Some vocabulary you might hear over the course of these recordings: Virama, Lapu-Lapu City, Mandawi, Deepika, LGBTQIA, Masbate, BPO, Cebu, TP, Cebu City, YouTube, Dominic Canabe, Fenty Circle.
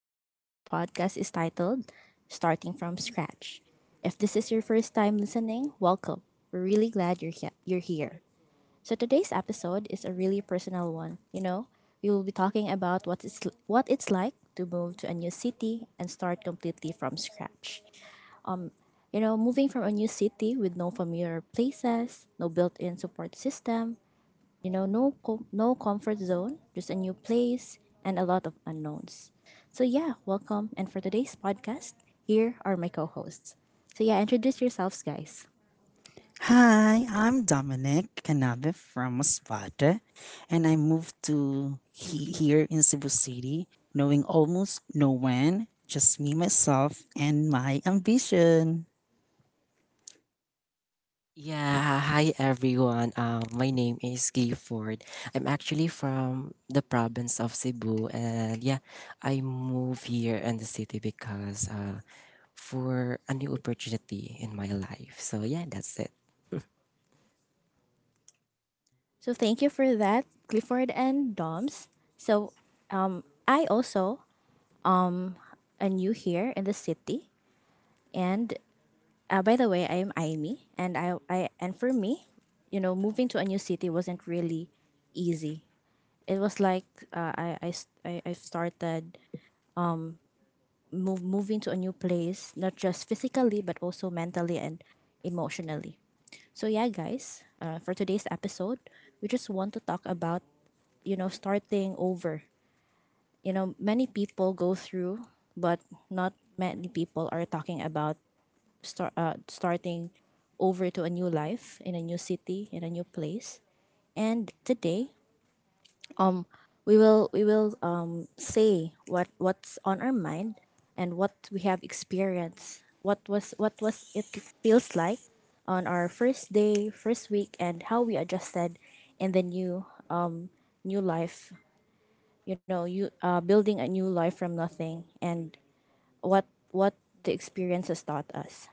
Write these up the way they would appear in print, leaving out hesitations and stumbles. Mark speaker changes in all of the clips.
Speaker 1: And today, our podcast is titled Starting from Scratch. If this is your first time listening, welcome. We're really glad you're here. Today's episode is a really personal one. You know, we will be talking about what it's like to move to a new city and start completely from scratch. You know, moving from a new city with no familiar places, no built in support system, you know, no comfort zone, just a new place and a lot of unknowns. Welcome. And for today's podcast, here are my co-hosts. So yeah, introduce yourselves, guys.
Speaker 2: Hi, I'm Dominic Canabe from Masbate, and I moved to here in Cebu City, knowing almost no one, just me, myself, and my ambition.
Speaker 3: Yeah, hi everyone. My name is Gifford. I'm actually from the province of Cebu, and yeah, I moved here in the city because for a new opportunity in my life. So yeah, that's it.
Speaker 1: So thank you for that, Clifford and Doms. So I also um am new here in the city, and by the way, I am Amy, and I and for me, you know, moving to a new city wasn't really easy. It was like I s- I started move moving to a new place, not just physically but also mentally and emotionally. So yeah, guys, for today's episode, we just want to talk about you know starting over. You know, many people go through, but not many people are talking about starting over to a new life in a new city in a new place. And today, um we will say what's on our mind and what we have experienced, what was it feels like on our first day, first week, and how we adjusted in the new life. You know you Building a new life from nothing, and what the experience has taught us.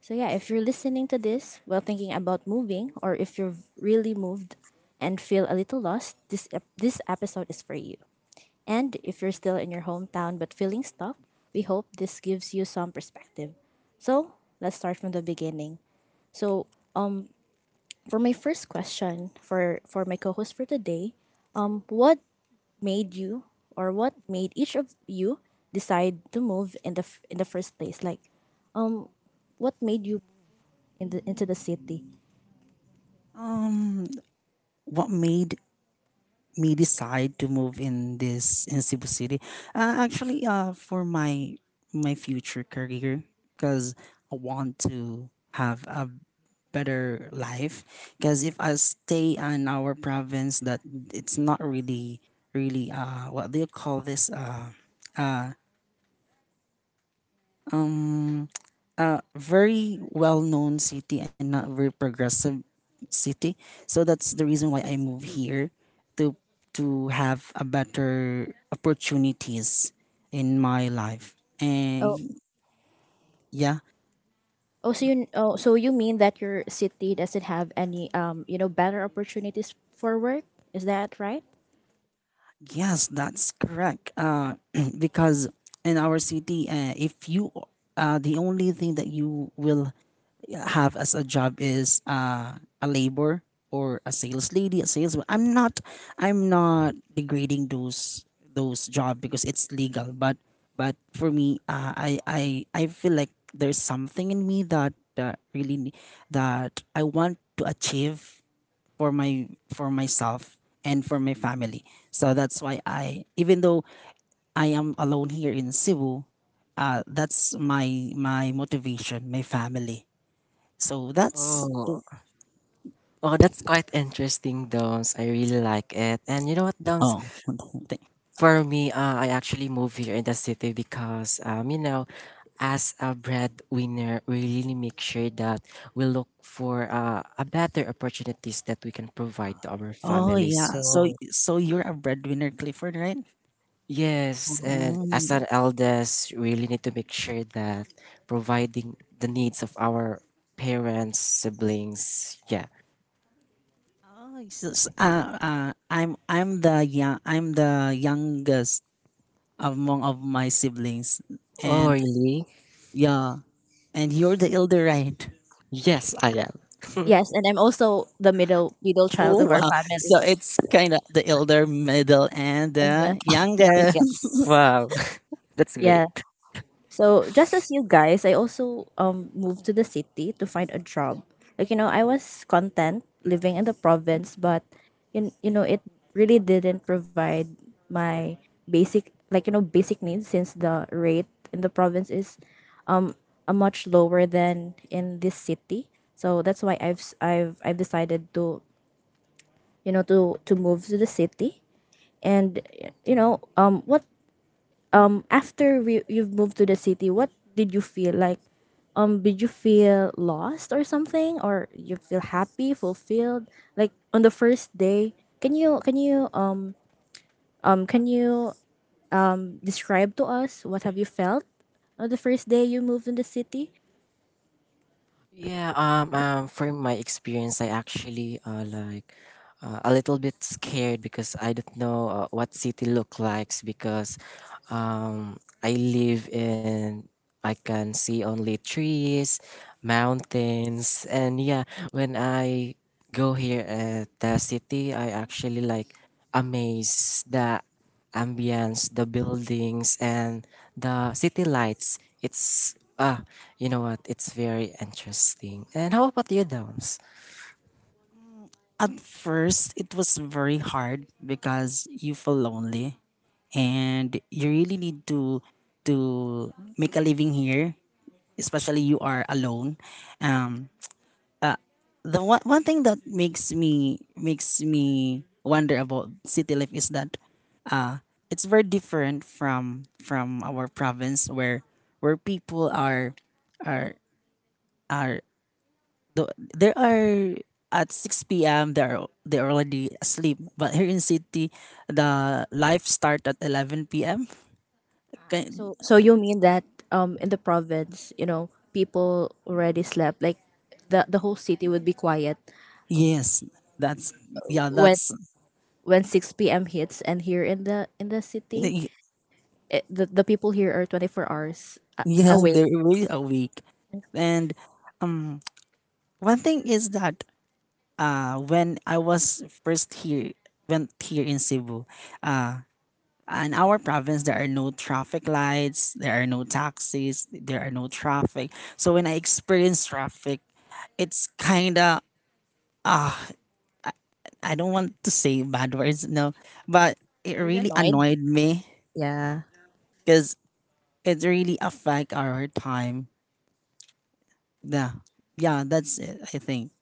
Speaker 1: So yeah, if you're listening to this while thinking about moving, or if you've really moved and feel a little lost, this episode is for you. And if you're still in your hometown but feeling stuck, we hope this gives you some perspective. So let's start from the beginning. So for my first question for my co-host for today, what made you, or what made each of you decide to move in the first place? Like, um, what made you in the into the city?
Speaker 2: Um, what made me decide to move in this in Cebu City? Actually, for my future career, because I want to have a better life, because if I stay in our province that it's not really what do you call this, uh um very well known city and not very progressive city. So that's the reason why I move here to have a better opportunities in my life,
Speaker 1: Oh,
Speaker 2: and yeah.
Speaker 1: oh, so you mean that your city doesn't have any you know, better opportunities for work? Is that right?
Speaker 2: Yes, that's correct. Because in our city, if you the only thing that you will have as a job is a labor or a sales lady, a salesman. I'm not degrading those job because it's legal. But for me, I feel like there's something in me that I want to achieve for my for myself and for my family. So that's why I, even though I am alone here in Cebu, that's my motivation, my family. So that's.
Speaker 3: Oh, oh, that's quite interesting, Doms. I really like it. And you know what, Doms?
Speaker 2: oh thank-
Speaker 3: For me, I actually moved here in the city because, you know, as a breadwinner, we really make sure that we look for a better opportunities that we can provide to our
Speaker 2: oh,
Speaker 3: families.
Speaker 2: yeah.
Speaker 3: So
Speaker 2: So you're a breadwinner, Clifford, right?
Speaker 3: yes, and as
Speaker 2: Mm.
Speaker 3: an eldest, we really need to make sure that providing the needs of our parents, siblings. Yeah.
Speaker 2: Oh, so, I'm the young I'm the youngest among of my siblings,
Speaker 3: Oh
Speaker 2: and
Speaker 3: really?
Speaker 2: yeah, and you're the elder, right?
Speaker 3: Yes, I am.
Speaker 1: Yes, and I'm also the middle child
Speaker 2: Oh
Speaker 1: of our
Speaker 2: wow!
Speaker 1: family
Speaker 2: So it's kind of the elder, middle, and
Speaker 1: and the
Speaker 2: the youngest.
Speaker 1: youngest.
Speaker 3: Wow, that's
Speaker 1: Yeah.
Speaker 3: great.
Speaker 1: So just as you guys, I also moved to the city to find a job. Like you know, I was content living in the province, but you know it really didn't provide my basic, like you know, basic needs, since the rate in the province is a much lower than in this city. So that's why I've s- I've decided to you know to move to the city. And you know, you've moved to the city, what did you feel like? Um, did you feel lost or something, or you feel happy, fulfilled, like on the first day? can you can you um can you describe to us what have you felt on the first day you moved in the city?
Speaker 3: Yeah, from my experience, I actually like a little bit scared because I don't know what city look likes because um, I live in I can see only trees, mountains, and yeah, when I go here at the city, I actually like amazed the ambience, the buildings, and the city lights. It's ah you know what? It's very interesting. And how about you, Doms?
Speaker 2: At first, it was very hard because you feel lonely and you really need to make a living here, especially you are alone. Um, the one thing that makes me wonder about city life is that uh, it's very different from our province where people are are there are at 6 p.m. They are already asleep. But here in city, the life start at 11 p.m. Okay.
Speaker 1: So so you mean that in the province, you know, people already slept? Like the whole city would be quiet
Speaker 2: Yes, that's yeah,
Speaker 1: when
Speaker 2: that's
Speaker 1: when 6 p.m. hits, and here in the city,
Speaker 2: they-
Speaker 1: the people here are 24 hours
Speaker 2: yeah,
Speaker 1: awake.
Speaker 2: they're really awake. And um, one thing is that when I was first here, went here in Cebu, uh, in our province there are no traffic lights, there are no taxis, there are no traffic. So when I experience traffic, it's kind of, I don't want to say bad words, no, but it
Speaker 1: Were you
Speaker 2: really
Speaker 1: annoyed?
Speaker 2: annoyed me,
Speaker 1: Yeah.
Speaker 2: because it really affect our time. Yeah, yeah, that's it, I think.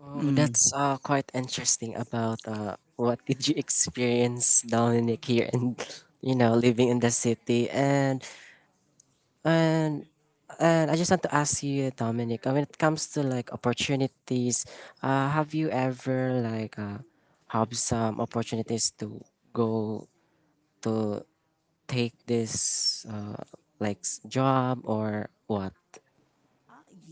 Speaker 3: Oh,
Speaker 2: Mm.
Speaker 3: that's quite interesting about what did you experience, Dominic, here and you know living in the city. And and I just want to ask you, Dominic, when it comes to like opportunities, have you ever have some opportunities to go to take this like s- job or what?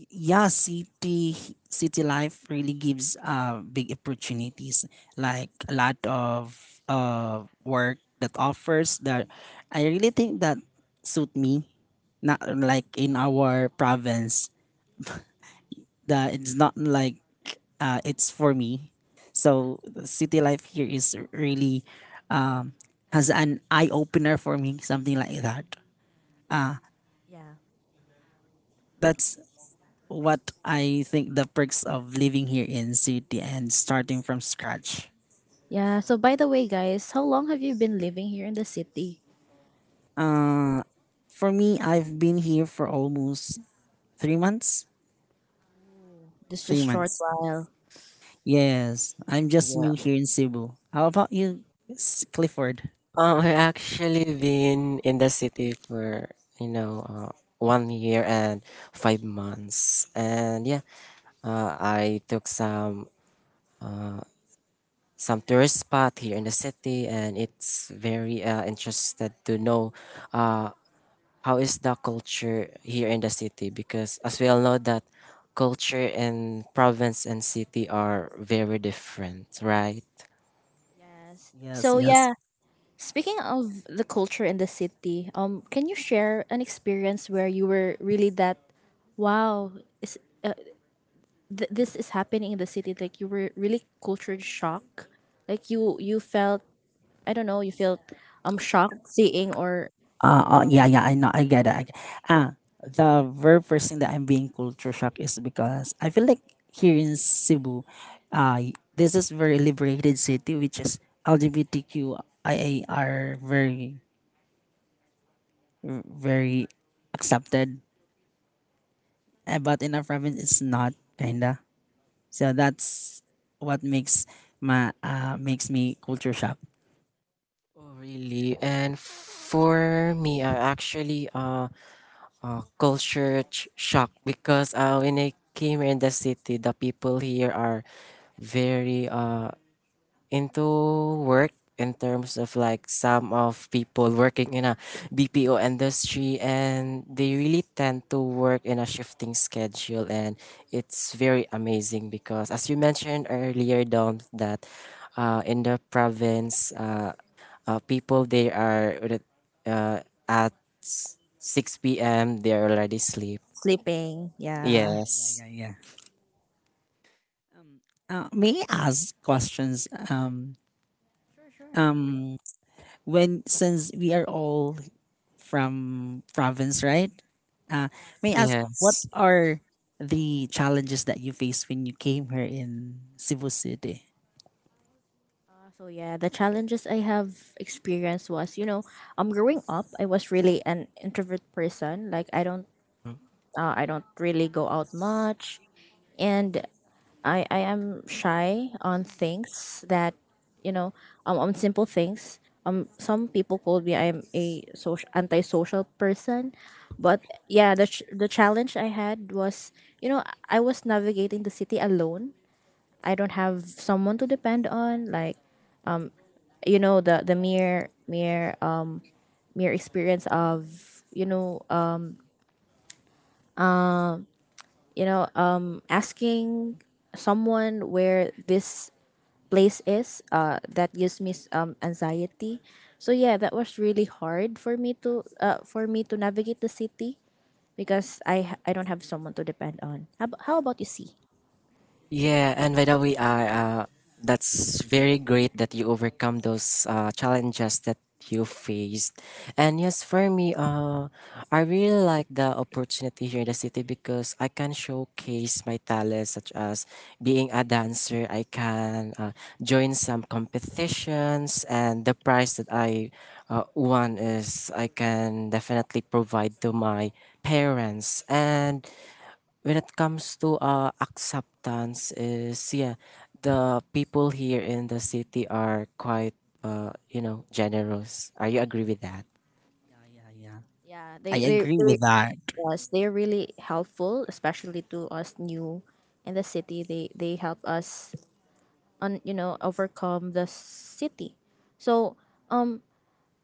Speaker 2: Yeah, city life really gives big opportunities, like a lot of work that offers that I really think that suit me, not like in our province, that it's not like, it's for me. So the city life here is really, um has an eye opener for me, something like that.
Speaker 1: Yeah.
Speaker 2: That's what I think, the perks of living here in city and starting from scratch.
Speaker 1: Yeah. So by the way, guys, how long have you been living here in the city?
Speaker 2: Uh, for me, I've been here for almost 3 months.
Speaker 1: Just
Speaker 2: Three
Speaker 1: just short
Speaker 2: months.
Speaker 1: while.
Speaker 2: Yes, I'm just
Speaker 3: Yeah.
Speaker 2: new here in Cebu. How about you, Clifford?
Speaker 3: I actually been in the city for you know 1 year and 5 months, and yeah, I took some tourist spot here in the city, and it's very interested to know uh, how is the culture here in the city because as we all know that culture in province and city are very different, right?
Speaker 1: Yes.
Speaker 2: Yes,
Speaker 1: So
Speaker 2: yes.
Speaker 1: yeah, speaking of the culture in the city, can you share an experience where you were really that, wow, is uh, this is happening in the city? Like you were really culture shock. Like you felt, I don't know, you feel shocked seeing or um,
Speaker 2: Yeah, yeah. I know. I get it. Ah, the very first thing that I'm being culture shock is because I feel like here in Cebu, this is very liberated city, which is LGBTQIA are very very accepted. But in our province, it's not kinda. So that's what makes me culture shock.
Speaker 3: Oh, really? And for me, I actually culture shock because when I came here in the city, the people here are very into work in terms of like some of people working in a BPO industry and they really tend to work in a shifting schedule and it's very amazing because as you mentioned earlier down that in the province people they are uh, at 6 p.m. they are already asleep
Speaker 1: sleeping. Yeah.
Speaker 2: Yeah,
Speaker 3: yes
Speaker 2: yeah, yeah. Um. May I ask questions?
Speaker 1: Sure, sure.
Speaker 2: Um, when since we are all from province, right? Uh, may I
Speaker 1: Yes.
Speaker 2: ask what
Speaker 3: yes.
Speaker 2: are the challenges that you faced when you came here in Cebu City?
Speaker 1: So yeah, the challenges I have experienced was, you know, growing up, I was really an introvert person. Like
Speaker 3: Mm.
Speaker 1: I don't really go out much. And I am shy on things that you know on simple things. Some people call me I'm a social antisocial person, but yeah, the challenge I had was you know I was navigating the city alone. I don't have someone to depend on. Like you know, the mere experience of you know uh, you know asking someone where this place is that gives me anxiety. So yeah, that was really hard for me to navigate the city because I don't have someone to depend on. How about you, See?
Speaker 3: Yeah, and by the way, I that's very great that you overcome those challenges that you faced. And yes, for me, I really like the opportunity here in the city because I can showcase my talents, such as being a dancer. I can join some competitions, and the prize that I won is I can definitely provide to my parents. And when it comes to acceptance is yeah, the people here in the city are quite you know generous, are you agree with that?
Speaker 2: Yeah, yeah. I agree
Speaker 1: They
Speaker 2: with that.
Speaker 1: us, they're really helpful, especially to us new in the city. They help us on you know overcome the city. So um,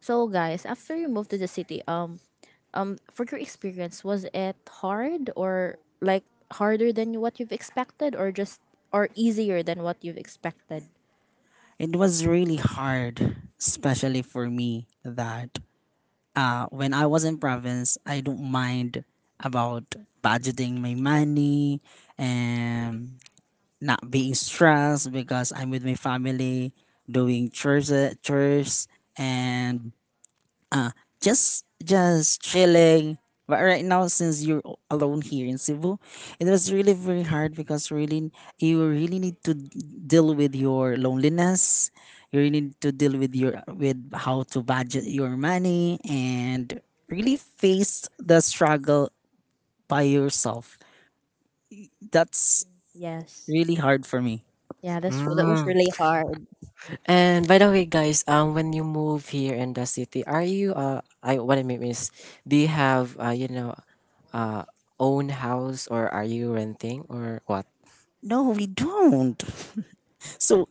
Speaker 1: so guys, after you moved to the city, for your experience, was it hard, or like harder than what you've expected, or just or easier than what you've expected?
Speaker 2: It was really hard, especially for me, that when I was in province, I don't mind about budgeting my money and not being stressed because I'm with my family, doing chores, chores and uh, just chilling. But right now, since you're alone here in Cebu, it was really very hard, because really you really need to deal with your loneliness. You really need to deal with how to budget your money and really face the struggle by yourself. That's
Speaker 1: Yes.
Speaker 2: really hard for me.
Speaker 1: Yeah, that's that was
Speaker 3: Mm.
Speaker 1: really hard.
Speaker 3: And by the way guys, um, when you move here in the city, are you uh, I, what I mean is, do you have you know uh own house or are you renting or what?
Speaker 2: No, we don't. So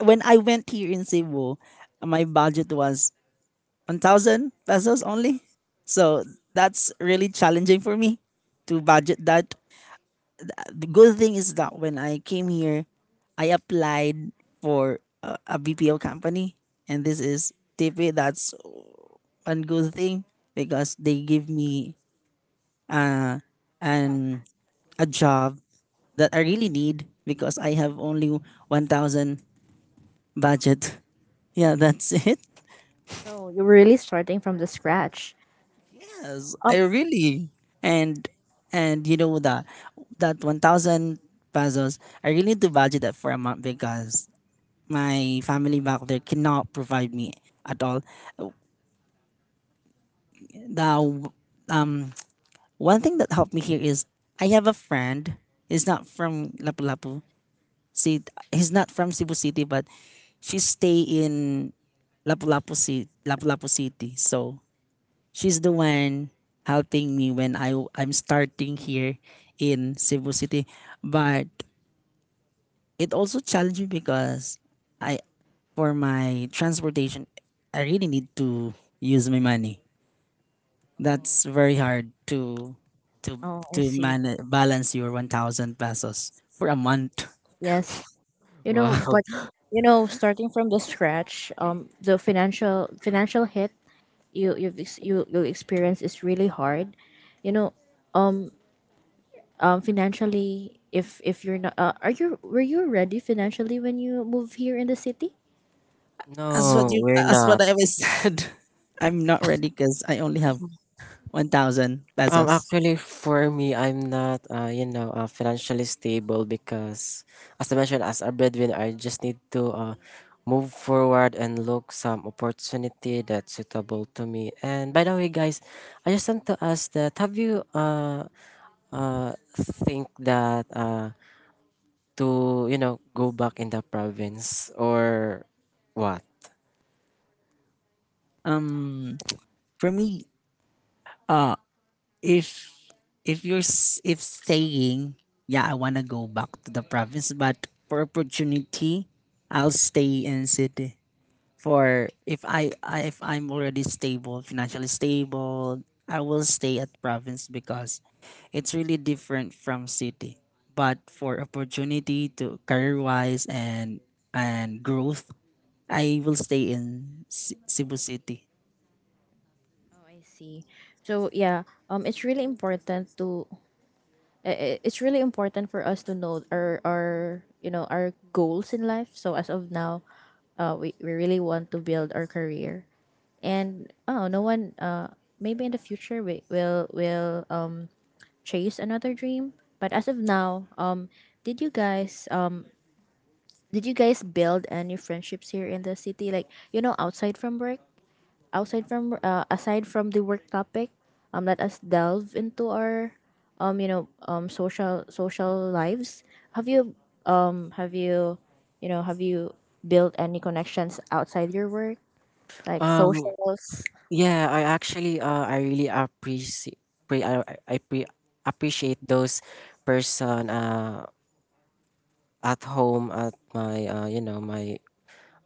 Speaker 2: when I went here in Cebu, my budget was 1,000 pesos only. So that's really challenging for me to budget that. The good thing is that when I came here, I applied for a BPO company, and this is TP. That's one good thing because they give me an a job that I really need, because I have only 1,000 budget. Yeah, that's it.
Speaker 1: So you were really starting from the scratch.
Speaker 2: Yes,
Speaker 1: Um.
Speaker 2: I really, and that 1,000 pesos. I really need to budget that for a month, because my family back there cannot provide me at all. The one thing that helped me here is I have a friend. He's not from Lapu-Lapu. See, he's not from Cebu City, but she stay in Lapu-Lapu City. Lapu-Lapu City. So she's the one helping me when I'm starting here in Cebu City. But it also challenged me because I for my transportation, I really need to use my money. That's very hard to to
Speaker 1: Oh, I see.
Speaker 2: balance your 1,000 pesos for a month.
Speaker 1: Yes. You know,
Speaker 3: Wow.
Speaker 1: but you know, starting from the scratch, the financial hit you you'll experience is really hard. You know, um, financially, if you're not are you, were you ready financially when you move here in the city?
Speaker 2: As what
Speaker 3: No,
Speaker 2: you
Speaker 3: we're
Speaker 2: as what
Speaker 3: not.
Speaker 2: I always said, I'm not ready cuz I only have 1,000 pesos.
Speaker 3: Actually, for me, I'm not, you know, financially stable because, as I mentioned, as a breadwinner, I just need to move forward and look some opportunity that's suitable to me. And by the way, guys, I just want to ask that have you think that to you know go back in the province or what?
Speaker 2: Um for me, uh, if if you're s- if staying, yeah, I wanna go back to the province, but for opportunity, I'll stay in city. For if I, I if I'm already stable, financially stable, I will stay at province, because it's really different from city. But for opportunity to career wise and growth, I will stay in Cebu City.
Speaker 1: Oh, I see. So yeah, um, it's really important to it's really important for us to know our you know our goals in life. So as of now, uh, we really want to build our career. And oh, no one uh, maybe in the future we will chase another dream. But as of now, um, did you guys, did you guys build any friendships here in the city? Like you know, outside from work, outside from aside from the work topic, let us delve into our, you know, social lives. Have you um, have you, you know, have you built any connections outside your work, like
Speaker 3: Um,
Speaker 1: socials?
Speaker 3: Yeah, I actually I really appreciate pre- I, I I pre- appreciate those person at home at my you know my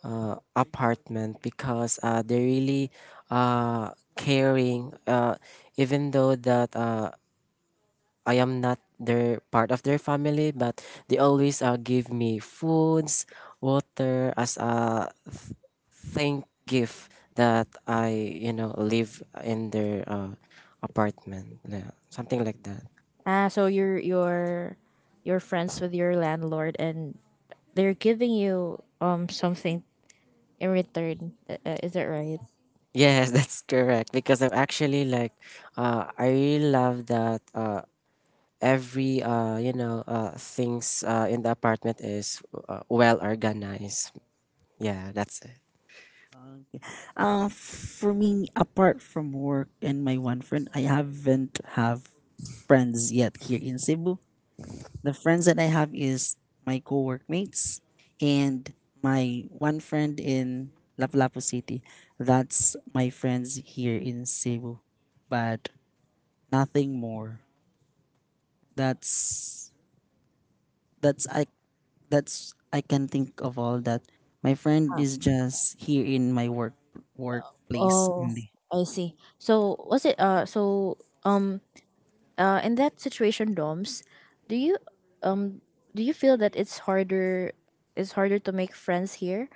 Speaker 3: apartment because they really uh, caring even though that I am not their part of their family, but they always give me foods, water as a thank gift that I you know live in their apartment, yeah, something like that.
Speaker 1: Ah, so you're you're friends with your landlord, and they're giving you something in return. Is that right?
Speaker 3: Yes, that's correct. Because I'm actually like, I really love that. Every you know, things in the apartment is well organized. Yeah, that's it.
Speaker 2: For me, apart from work and my one friend, I haven't have friends yet here in Cebu. The friends that I have is my co-workmates and my one friend in Lapu-Lapu City. That's my friends here in Cebu, but nothing more. That's that's I that's I can think of all that. My friend is just here in my workplace
Speaker 1: Oh,
Speaker 2: only.
Speaker 1: I see. So was it uh, so um uh, in that situation, Doms, do you um, do you feel that it's harder, it's harder to make friends here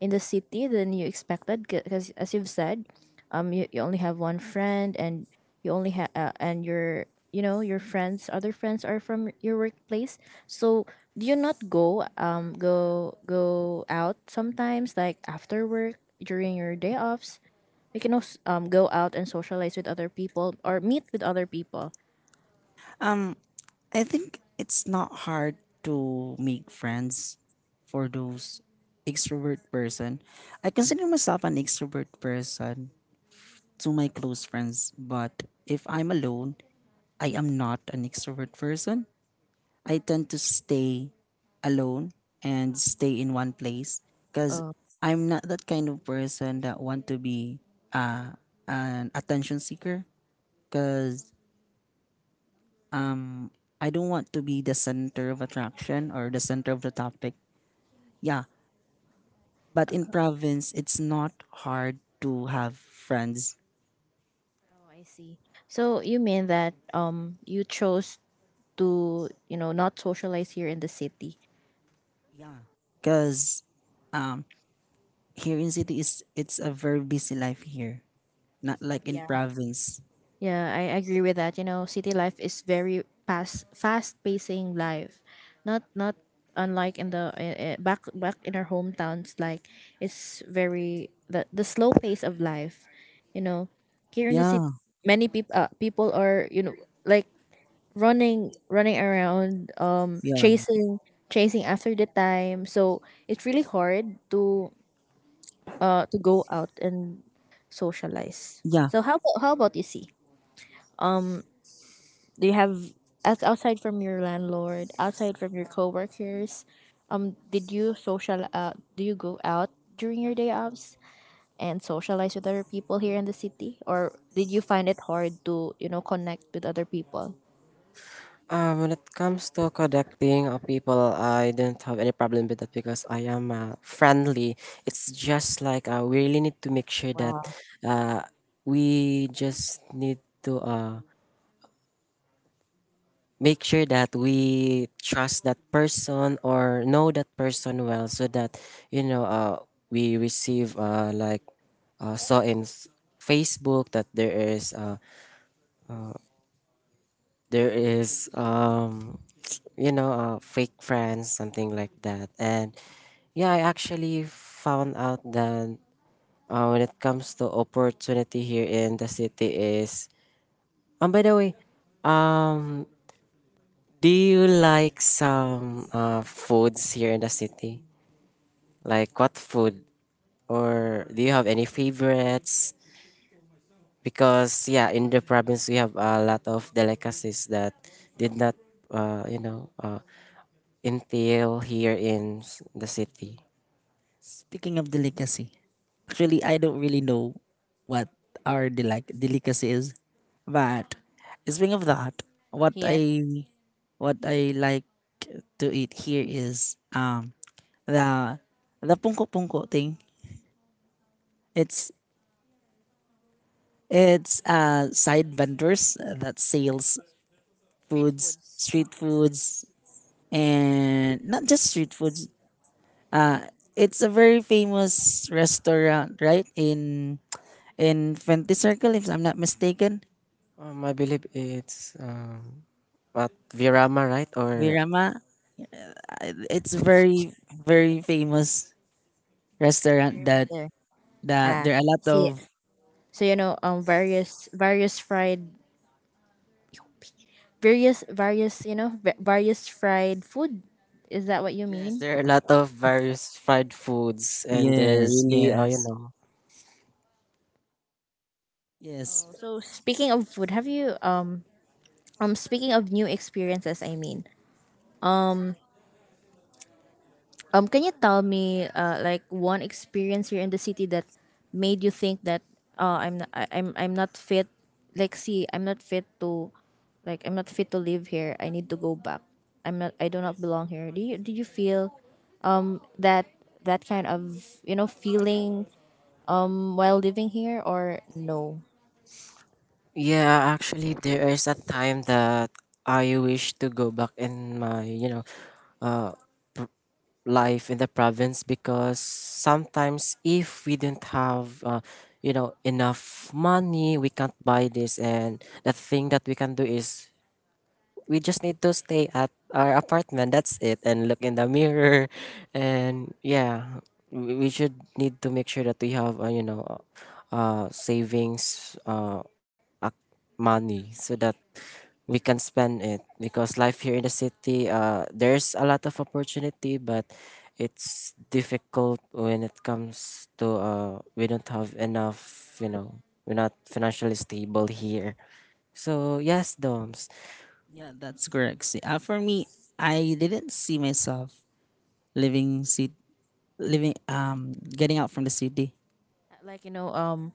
Speaker 1: in the city than you expected? Because as you've said um, you only have one friend, and you only have and your you know your friends, other friends are from your workplace. So do you not go um, out sometimes like after work, during your day offs? You can also go out and socialize with other people or meet with other people.
Speaker 2: Um. I think it's not hard to make friends for those extrovert person. I consider myself an extrovert person to my close friends, but if I'm alone, I am not an extrovert person. I tend to stay alone and stay in one place, because
Speaker 1: Oh.
Speaker 2: I'm not that kind of person that want to be uh, an attention seeker, because I don't want to be the center of attraction or the center of the topic. Yeah, but in province, it's not hard to have friends.
Speaker 1: Oh, I see. So you mean that um, you chose to, you know, not socialize here in the city.
Speaker 2: Yeah, cause um here in city is it's a very busy life here, not like in province.
Speaker 1: Yeah, I agree with that. You know, city life is very fast, fast-pacing life. Not not unlike in the back in our hometowns. Like it's very the slow pace of life. You know, here in the city,
Speaker 2: Yeah,
Speaker 1: many people people are you know like running around,
Speaker 2: yeah, yeah.
Speaker 1: chasing after the time. So it's really hard to go out and socialize.
Speaker 2: Yeah.
Speaker 1: So how about you, See? Do you have, as outside from your landlord, outside from your coworkers? Did you social? Do you go out during your day offs and socialize with other people here in the city, or did you find it hard to you know connect with other people
Speaker 3: When it comes to connecting people, I don't have any problem with that because I am friendly. It's just like we really need to make sure that uh, we just need to make sure that we trust that person or know that person well so that, you know, we receive like saw in Facebook that there is you know fake friends, something like that. And yeah, I actually found out that when it comes to opportunity here in the city is by the way, um do you like some foods here in the city, like what food, or do you have any favorites? Because yeah, in the province we have a lot of delicacies that did not you know entail here in the city?
Speaker 2: Speaking of delicacy, actually, I don't really know what our delicacy is, but speaking of that, what
Speaker 1: here?
Speaker 2: I what I like to eat here is the pungko pungko thing. It's it's side vendors that sells
Speaker 1: Street
Speaker 2: foods,
Speaker 1: foods
Speaker 2: street foods, and not just street foods. Uh, it's a very famous restaurant, right? In Fenty Circle, if I'm not mistaken.
Speaker 3: I believe it's at Virama, right? Or
Speaker 2: Virama, it's very very famous
Speaker 1: is
Speaker 2: restaurant
Speaker 1: very much there.
Speaker 2: that
Speaker 1: Ah,
Speaker 2: there are a lot
Speaker 1: so y-
Speaker 2: of.
Speaker 1: so you know various fried various various you know va- various fried food. Is that what you
Speaker 3: yes,
Speaker 1: mean?
Speaker 3: there are a lot of various fried foods, and they're
Speaker 2: Yes,
Speaker 3: really, you
Speaker 2: yes,
Speaker 3: know.
Speaker 2: yes.
Speaker 1: Oh, so speaking of food, have you um, um, speaking of new experiences, I mean, um, um, can you tell me uh, like one experience here in the city that made you think that uh, I'm not fit, like, see, I'm not fit to, like, I'm not fit to live here, I need to go back, I'm not, I do not belong here? Do you, do you feel that that kind of you know feeling while living here or no?
Speaker 3: Yeah, actually, there is a time that I wish to go back in my, you know, uh, life in the province because sometimes if we didn't have, you know, enough money, we can't buy this, and the thing that we can do is we just need to stay at our apartment, that's it, and look in the mirror. And yeah, we should need to make sure that we have you know savings ac- money, so that we can spend it because life here in the city uh, there's a lot of opportunity but it's difficult when it comes to uh, we don't have enough, you know, we're not financially stable here. So yes, Doms,
Speaker 2: Yeah, that's correct. See, for me, I didn't see myself living city, living getting out from the city.
Speaker 1: Like you know um,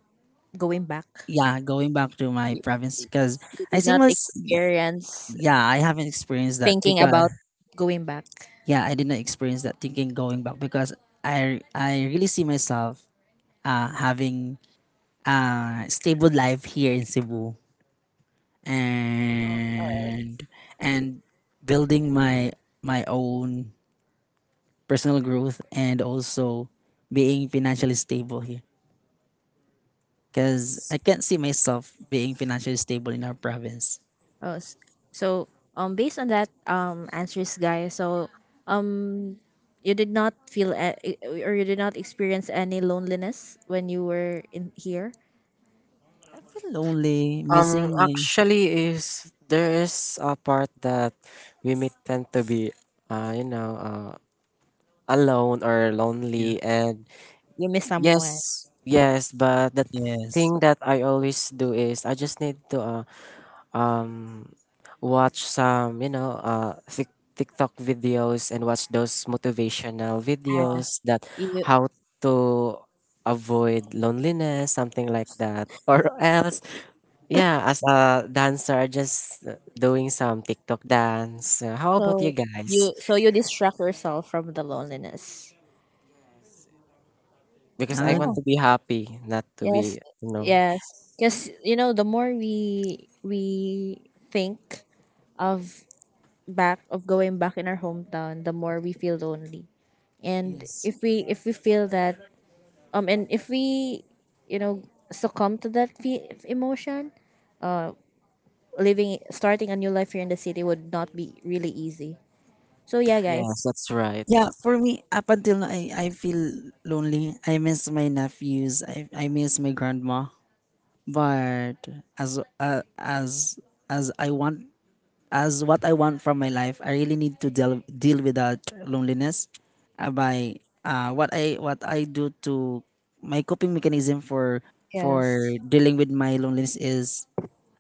Speaker 1: going back,
Speaker 2: Yeah, going back to my province, because
Speaker 1: you
Speaker 2: I
Speaker 1: did
Speaker 2: see
Speaker 1: not
Speaker 2: most
Speaker 1: experience
Speaker 2: yeah, I haven't experienced that,
Speaker 1: thinking
Speaker 2: because
Speaker 1: about going back.
Speaker 2: yeah, I did not experience that, thinking going back, because I really see myself having stable life here in Cebu, and and building my own personal growth, and also being financially stable here, because
Speaker 3: that's.
Speaker 2: I can't see myself being financially stable in our province.
Speaker 1: Oh, s- so based on that answers, guys. So um, you did not feel or you did not experience any loneliness when you were in here.
Speaker 2: I feel lonely, missing my—
Speaker 3: Actually, is there, is a part that women tend to be, you know, alone or lonely, and
Speaker 1: You miss someone.
Speaker 3: yes, yes. But the
Speaker 2: Yes.
Speaker 3: thing that I always do is I just need to um watch some you know uh, tiktok videos and watch those motivational videos, that
Speaker 1: Yes. You,
Speaker 3: how to avoid loneliness, something like that. Or else yeah, as a dancer, just doing some tiktok dance. How about
Speaker 1: so
Speaker 3: you
Speaker 1: you,
Speaker 3: guys,
Speaker 1: so you distract yourself from the loneliness.
Speaker 3: because I
Speaker 2: Uh,
Speaker 1: Yeah.
Speaker 3: want to be happy, not to be
Speaker 1: Yes.
Speaker 3: you know.
Speaker 1: Yes. Because you know, the more we think of back of going back in our hometown, the more we feel lonely. And yes,
Speaker 2: yes.
Speaker 1: if we feel that. And if we, you know, succumb to that emotion, starting a new life here in the city would not be really easy. So yeah,
Speaker 3: Yes,
Speaker 1: guys.
Speaker 3: that's right.
Speaker 2: Yeah, for me, up until now, I feel lonely. I miss my nephews. I miss my grandma. But as as I want as what I want from my life, I really need to deal with that loneliness, by, what I do to my coping mechanism for
Speaker 1: Yes.
Speaker 2: dealing with my loneliness is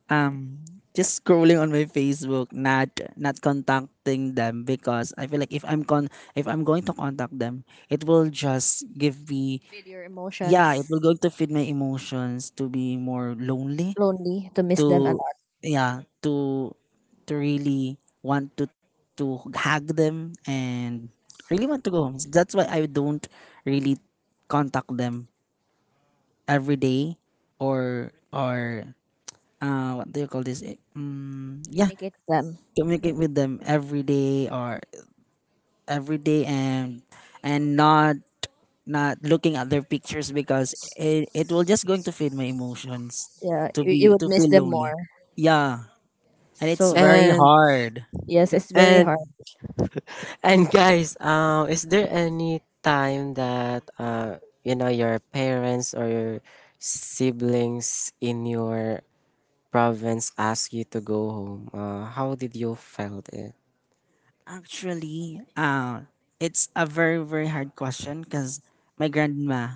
Speaker 2: um just scrolling on my Facebook, not contacting them, because I feel like if I'm going to contact them, it will just give me.
Speaker 1: Feed your
Speaker 2: Yeah, it will
Speaker 1: emotions.
Speaker 2: going to feed my emotions to be more lonely,
Speaker 1: Lonely to miss them a
Speaker 2: to,
Speaker 1: lot.
Speaker 2: yeah, to really want to hug them, and really want to go home. So that's why I don't really contact them every day or what do you call this? Mm, yeah,
Speaker 1: Communicate with them.
Speaker 2: communicate with them every day, and not looking at their pictures, because it will just going to feed my emotions
Speaker 1: Yeah, you would
Speaker 2: to
Speaker 1: miss
Speaker 2: feel
Speaker 1: them
Speaker 2: lonely.
Speaker 1: more.
Speaker 2: Yeah, and it's
Speaker 1: So
Speaker 2: very
Speaker 3: and
Speaker 2: hard.
Speaker 1: yes, it's very
Speaker 3: and
Speaker 1: hard.
Speaker 3: And guys, is there any time that you know your parents or your siblings in your province ask you to go home? How did you felt it?
Speaker 2: Actually, it's a very very hard question, because my grandma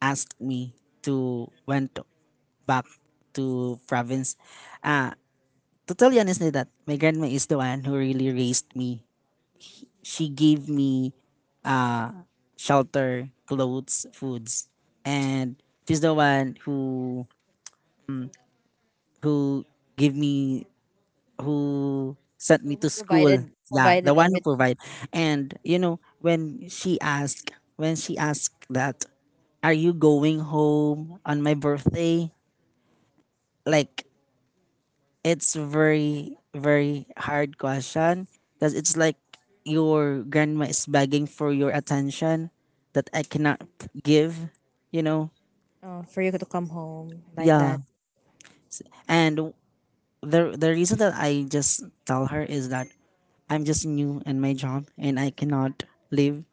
Speaker 2: asked me to went back to province. Uh, to tell you honestly, that my grandma is the one who really raised me. She gave me uh, shelter, clothes, foods, and she's the one who gave me who sent me
Speaker 1: So who
Speaker 2: to
Speaker 1: provided
Speaker 2: school. Yeah,
Speaker 1: provided
Speaker 2: the one who
Speaker 1: everything
Speaker 2: provide. And you know, when she asked that, are you going home on my birthday? Like it's very very hard question because it's like your grandma is begging for your attention that I cannot give, you know.
Speaker 1: for you to come home like
Speaker 2: Yeah.
Speaker 1: that?
Speaker 2: And the reason that I just tell her is that I'm just new in my job and I cannot leave.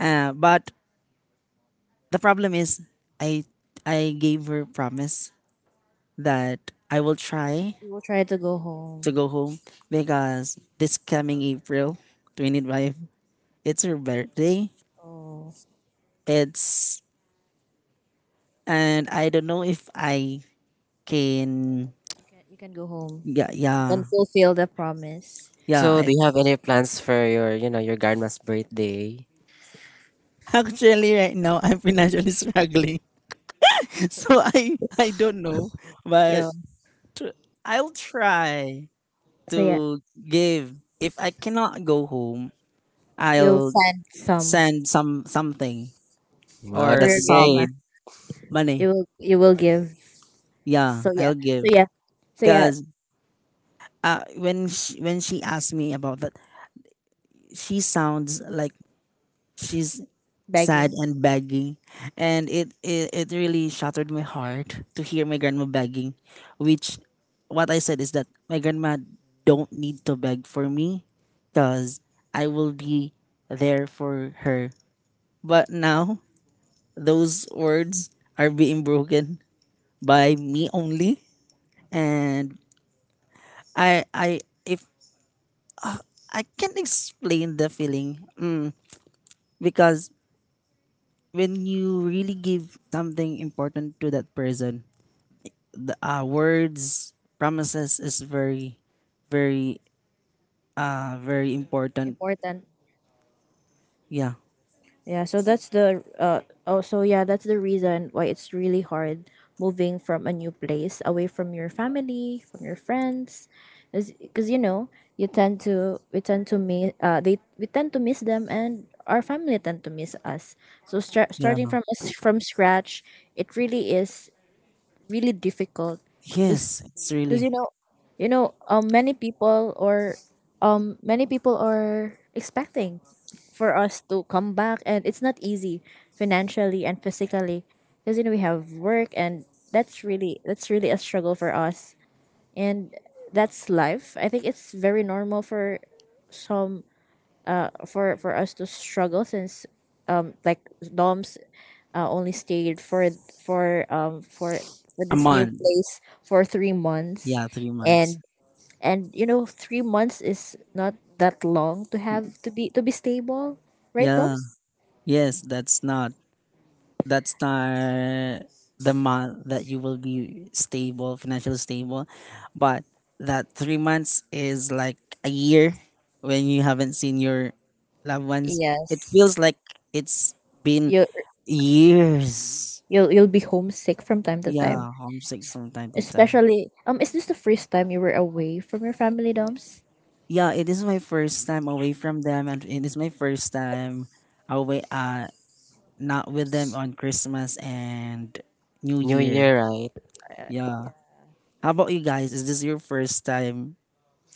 Speaker 2: But the problem is, I I gave her promise that I will try
Speaker 1: You will try to go home.
Speaker 2: to go home because this coming April 25, it's her birthday.
Speaker 1: Oh,
Speaker 2: It's And I don't know if I can.
Speaker 1: you can go home.
Speaker 2: Yeah,
Speaker 1: You can
Speaker 2: yeah,
Speaker 1: fulfill the promise.
Speaker 2: yeah.
Speaker 3: So, do you have any plans for your you know your grandma's birthday?
Speaker 2: Actually, right now I'm financially struggling, so I don't know, but
Speaker 1: Yeah.
Speaker 2: I'll try
Speaker 1: So yeah.
Speaker 2: to give. If I cannot go home,
Speaker 1: You'll
Speaker 2: I'll
Speaker 1: send some
Speaker 2: send something
Speaker 3: Wow,
Speaker 1: for
Speaker 2: or
Speaker 1: your
Speaker 3: that's
Speaker 1: grandma.
Speaker 3: great.
Speaker 2: some
Speaker 1: You
Speaker 2: money.
Speaker 1: will give.
Speaker 2: Yeah,
Speaker 1: So yeah.
Speaker 2: I'll
Speaker 1: So
Speaker 2: give.
Speaker 1: yeah. So yeah.
Speaker 2: Cause when she asked me about that, she sounds like she's sad
Speaker 1: Begging
Speaker 2: and begging, and it really shattered my heart to hear my grandma begging, which what I said is that my grandma don't need to beg for me, cause I will be there for her. But now those words are being broken by me only. And I if I can explain the feeling, because when you really give something important to that person, the words, promises is very very very important.
Speaker 1: important.
Speaker 2: Yeah.
Speaker 1: Yeah. So that's the. Oh. So yeah. That's the reason why it's really hard moving from a new place away from your family, from your friends, because you know you tend to we tend to miss they we tend to miss them and our family tend to miss us. So
Speaker 2: Yeah.
Speaker 1: starting from us from scratch, it really is really difficult
Speaker 2: Yes,
Speaker 1: because
Speaker 2: it's
Speaker 1: you
Speaker 2: really
Speaker 1: know you know, many people or many people are expecting for us to come back, and it's not easy financially and physically because you know we have work, and that's really a struggle for us. And that's life. I think it's very normal for some for us to struggle since, um like Doms only stayed for for um for with
Speaker 2: a
Speaker 1: this new
Speaker 2: month.
Speaker 1: place for 3 months.
Speaker 2: Yeah, 3 months.
Speaker 1: And you know, 3 months is not that long to have to be stable, right,
Speaker 2: Yeah.
Speaker 1: Toms?
Speaker 2: Yes, that's not the month that you will be stable, financially stable. But that 3 months is like a year when you haven't seen your loved ones. It
Speaker 1: Yes.
Speaker 2: feels like it's been
Speaker 1: you
Speaker 2: years.
Speaker 1: you'll you'll be homesick from time to time.
Speaker 2: Yeah, homesick
Speaker 1: S-
Speaker 2: from time to time.
Speaker 1: Especially, is this the first time you were away from your family, Doms?
Speaker 2: Yeah, it is my first time away from them, and it is my first time away, not with them on Christmas and New
Speaker 3: New
Speaker 2: Year.
Speaker 3: Year, right?
Speaker 1: uh, yeah,
Speaker 2: Yeah. How about you guys? Is this your first time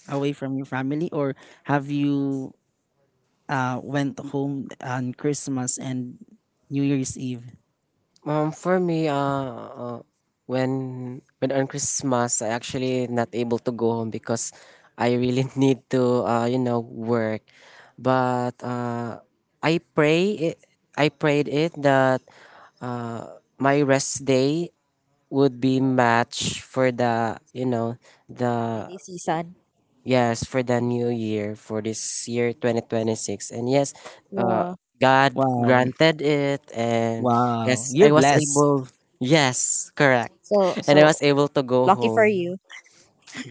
Speaker 2: away from your family, or have you went home on Christmas and New Year's Eve?
Speaker 3: For me, when on Christmas, I actually not able to go home because I really need to, you know, work. But I pray, it, I prayed it that my rest day would be matched for the, you know,
Speaker 1: the
Speaker 3: the
Speaker 1: holiday season.
Speaker 3: yes, for the new year, for this year 2026. And yes, uh,
Speaker 1: Yeah.
Speaker 3: God
Speaker 2: Wow,
Speaker 3: granted it. And
Speaker 2: wow,
Speaker 3: yes, I
Speaker 2: you're
Speaker 3: was
Speaker 2: blessed.
Speaker 3: able. Yes, correct.
Speaker 1: so
Speaker 3: And I
Speaker 1: so
Speaker 3: was able to go
Speaker 1: lucky for
Speaker 3: home.
Speaker 1: you.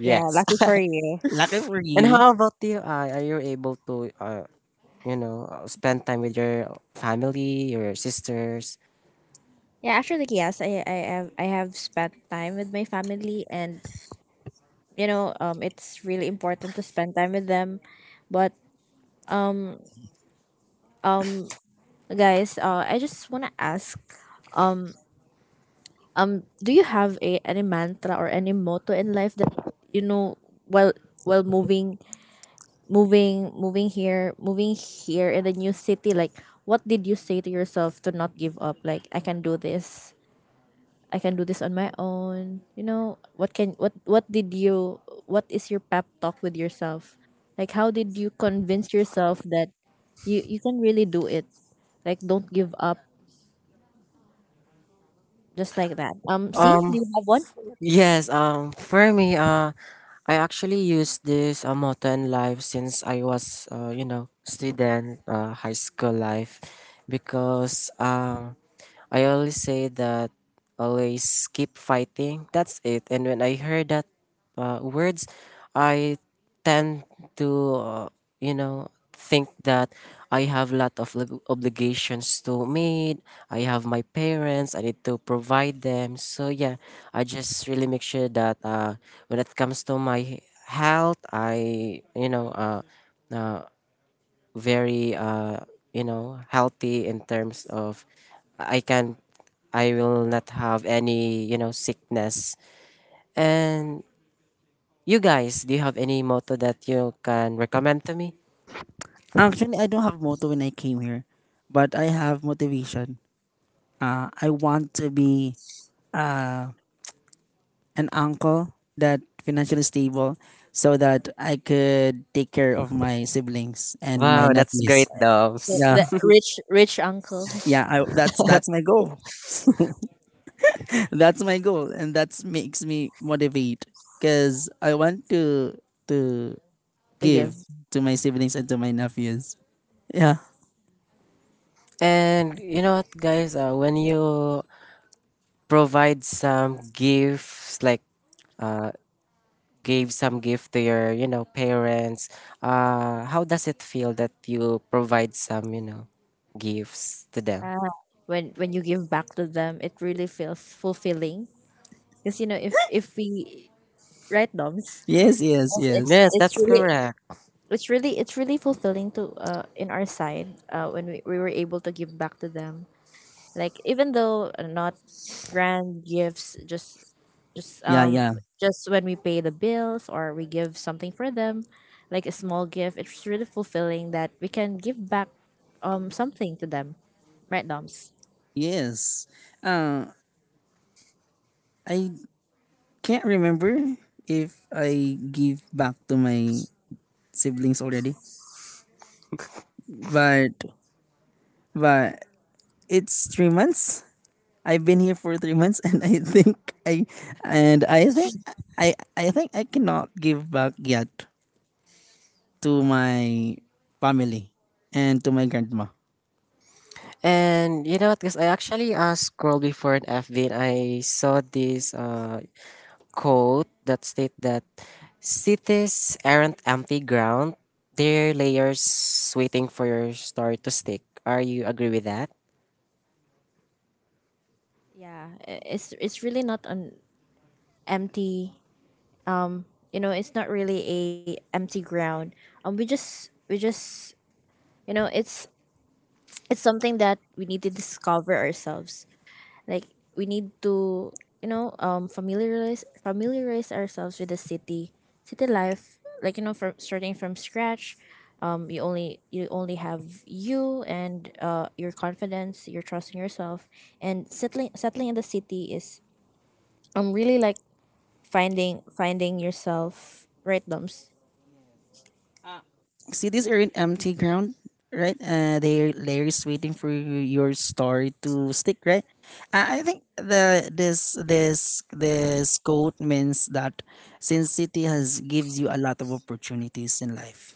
Speaker 1: Yeah, lucky for you.
Speaker 2: Lucky for
Speaker 3: And
Speaker 2: you.
Speaker 3: how about you? I, are you able to, you know, spend time with your family, your sisters?
Speaker 1: Yeah, actually, yes, I have spent time with my family, and it's really important to spend time with them. But guys, I just wanna ask, um, do you have a any mantra or any motto in life that you know while while moving here in the new city? Like, what did you say to yourself to not give up? Like, I can do this. I can do this on my own. You know, what can what did you what is your pep talk with yourself? Like, how did you convince yourself that you can really do it? Like, don't give up just like that. See, do
Speaker 3: Um,
Speaker 1: you have one?
Speaker 3: Yes, for me, I actually used this motto in life since I was, you know, student, high school life, because I always say that always keep fighting. That's it. And when I heard that words, I tend to, you know, think that I have a lot of obligations to meet. I have my parents. I need to provide them. So yeah, I just really make sure that when it comes to my health, I, you know, uh, very you know healthy in terms of I can I will not have any you know sickness. And you guys, do you have any motto that you can recommend to me?
Speaker 2: Actually, I don't have motto when I came here, but I have motivation. I want to be an uncle that financially stable, so that I could take care of my siblings and my
Speaker 1: So,
Speaker 3: Wow, that's great,
Speaker 2: nephews.
Speaker 1: so
Speaker 3: Dobbs.
Speaker 2: Yeah,
Speaker 1: the rich uncle.
Speaker 2: yeah, that's my goal. That's my goal, and that makes me motivate because I want to
Speaker 1: To give.
Speaker 2: give to my siblings and to my nephews. Yeah.
Speaker 3: And you know what, guys? When you provide some gifts, like uh, gave some gift to your, you know, parents, how does it feel that you provide some, you know, gifts to them?
Speaker 1: Uh, when you give back to them, it really feels fulfilling. Because you know, if we, right, Doms,
Speaker 2: Yes, yes,
Speaker 1: it's it's,
Speaker 2: yes.
Speaker 3: Yes,
Speaker 1: it's
Speaker 3: that's
Speaker 1: really
Speaker 3: correct.
Speaker 1: it's really fulfilling to in our side when we were able to give back to them, like, even though not grand gifts, just
Speaker 2: Yeah,
Speaker 1: um
Speaker 2: yeah.
Speaker 1: just when we pay the bills, or we give something for them like a small gift. It's really fulfilling that we can give back something to them, right, Doms?
Speaker 2: Yes. uh I can't remember if I give back to my siblings already, but but it's 3 months, I've been here for 3 months. And I think I and I think I cannot give back yet to my family and to my grandma.
Speaker 3: And you know what? Because I actually scrolled before an FB and I saw this quote that state that cities aren't empty ground; they're layers waiting for your story to stick. Are you agree with that?
Speaker 1: Yeah, it's really not an empty, um it's not really a empty ground. We just, you know it's it's something that we need to discover ourselves. Like, we need to, familiarize ourselves with city life. Like, from starting from scratch, you only have you and your confidence, your trust in yourself, and settling in the city is really like finding yourself, right, Doms?
Speaker 2: Uh, See, these are in empty ground, right? They are layers waiting for your story to stick, right? I think the this this this quote means that since city has gives you a lot of opportunities in life.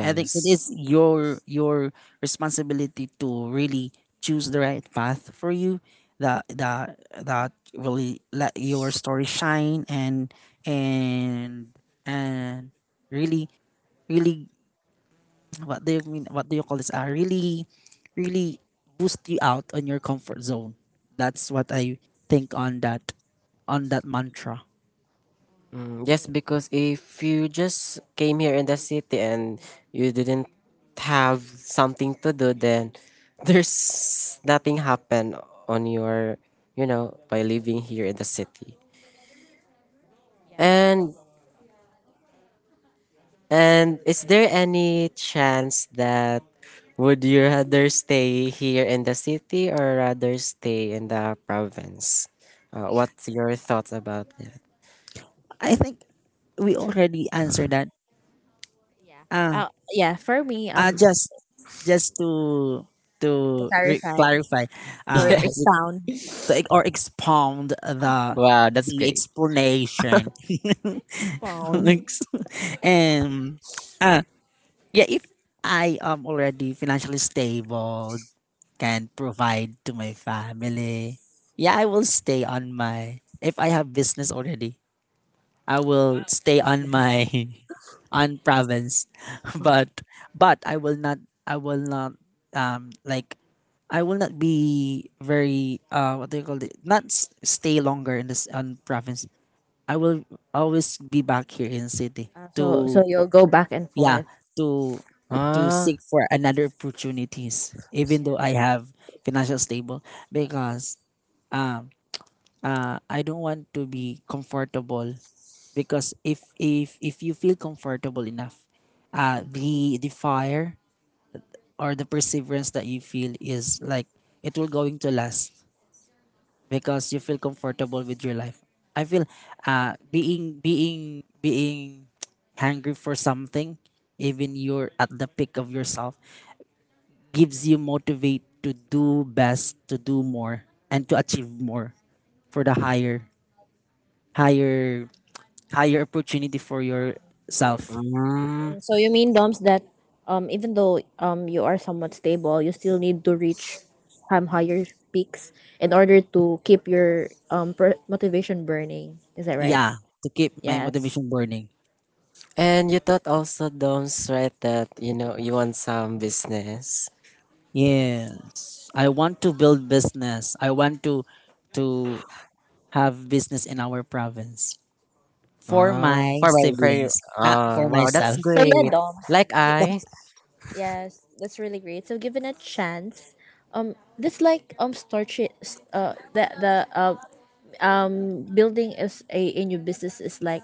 Speaker 2: I think it is your responsibility to really choose the right path for you, that that that really let your story shine, and really, really what do you call this, really really boost you out on your comfort zone. That's what I think on that, on that mantra.
Speaker 3: Mm, yes,
Speaker 1: Okay.
Speaker 3: because if you just came here in the city and you didn't have something to do, then there's nothing happen on your, you know, by living here in the city.
Speaker 1: Yeah.
Speaker 3: And and is there any chance that would you rather stay here in the city or rather stay in the province? What's your thoughts about that?
Speaker 2: I think we already answered that. ah
Speaker 1: Uh, yeah. For me,
Speaker 2: ah, just just to
Speaker 1: right,
Speaker 2: clarify. uh
Speaker 3: Yes.
Speaker 2: to, ex- or expound the
Speaker 3: Wow, that's
Speaker 2: the
Speaker 3: great.
Speaker 2: explanation.
Speaker 1: spawn.
Speaker 2: Ex- and uh yeah, if I am already financially stable, can provide to my family. Yeah, I will stay on my, if I have business already. I will stay on my on province, but but I will not like I will not be very what do you call it, not stay longer in this on province. I will always be back here in city to, yeah, to to
Speaker 3: Ah.
Speaker 2: seek for another opportunities even though I have financial stable. Because I don't want to be comfortable, because if you feel comfortable enough, the fire or the perseverance that you feel is like it will going to last because you feel comfortable with your life. I feel being hungry for something, even you're at the peak of yourself, gives you motivate to do best, to do more, and to achieve more, for the higher, higher, higher opportunity for yourself.
Speaker 3: Mm.
Speaker 1: So you mean, Doms, that, even though, you are somewhat stable, you still need to reach, higher peaks in order to keep your, motivation burning. Is that right?
Speaker 2: Yeah, to keep my
Speaker 1: Yes.
Speaker 2: motivation burning.
Speaker 3: And you taught also Doms, right, that you know you want some business.
Speaker 2: Yes, I want to build business. I want to have business in our province for
Speaker 3: Ah,
Speaker 2: my
Speaker 3: for my for you.
Speaker 2: siblings, not
Speaker 3: Ah,
Speaker 2: for
Speaker 3: wow,
Speaker 1: So,
Speaker 3: that's
Speaker 2: myself.
Speaker 1: so yeah,
Speaker 3: great.
Speaker 1: Doms.
Speaker 3: Like
Speaker 1: Y-
Speaker 3: I,
Speaker 1: Yes, that's really great. So given a chance, this, like, the building is a new business is like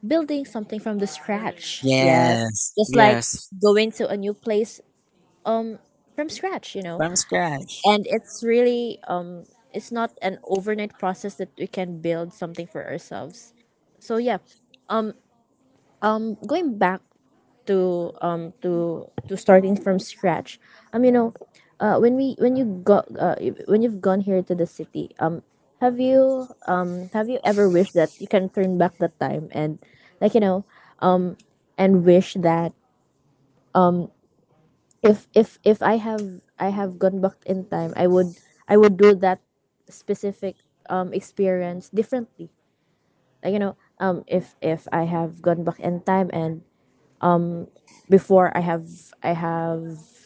Speaker 1: building something from the scratch. Yes. Yes,
Speaker 2: Yes,
Speaker 1: just like
Speaker 3: yes.
Speaker 1: going to a new place from scratch.
Speaker 2: from scratch.
Speaker 1: And it's really it's not an overnight process that we can build something for ourselves. So yeah. Um going back to starting from scratch. Um you know, when we when you've gone here to the city, have you ever wished that you can turn back the time and, like you know and wish that if I have gone back in time, I would do that specific, experience differently. Like, if I have gone back in time, and before I have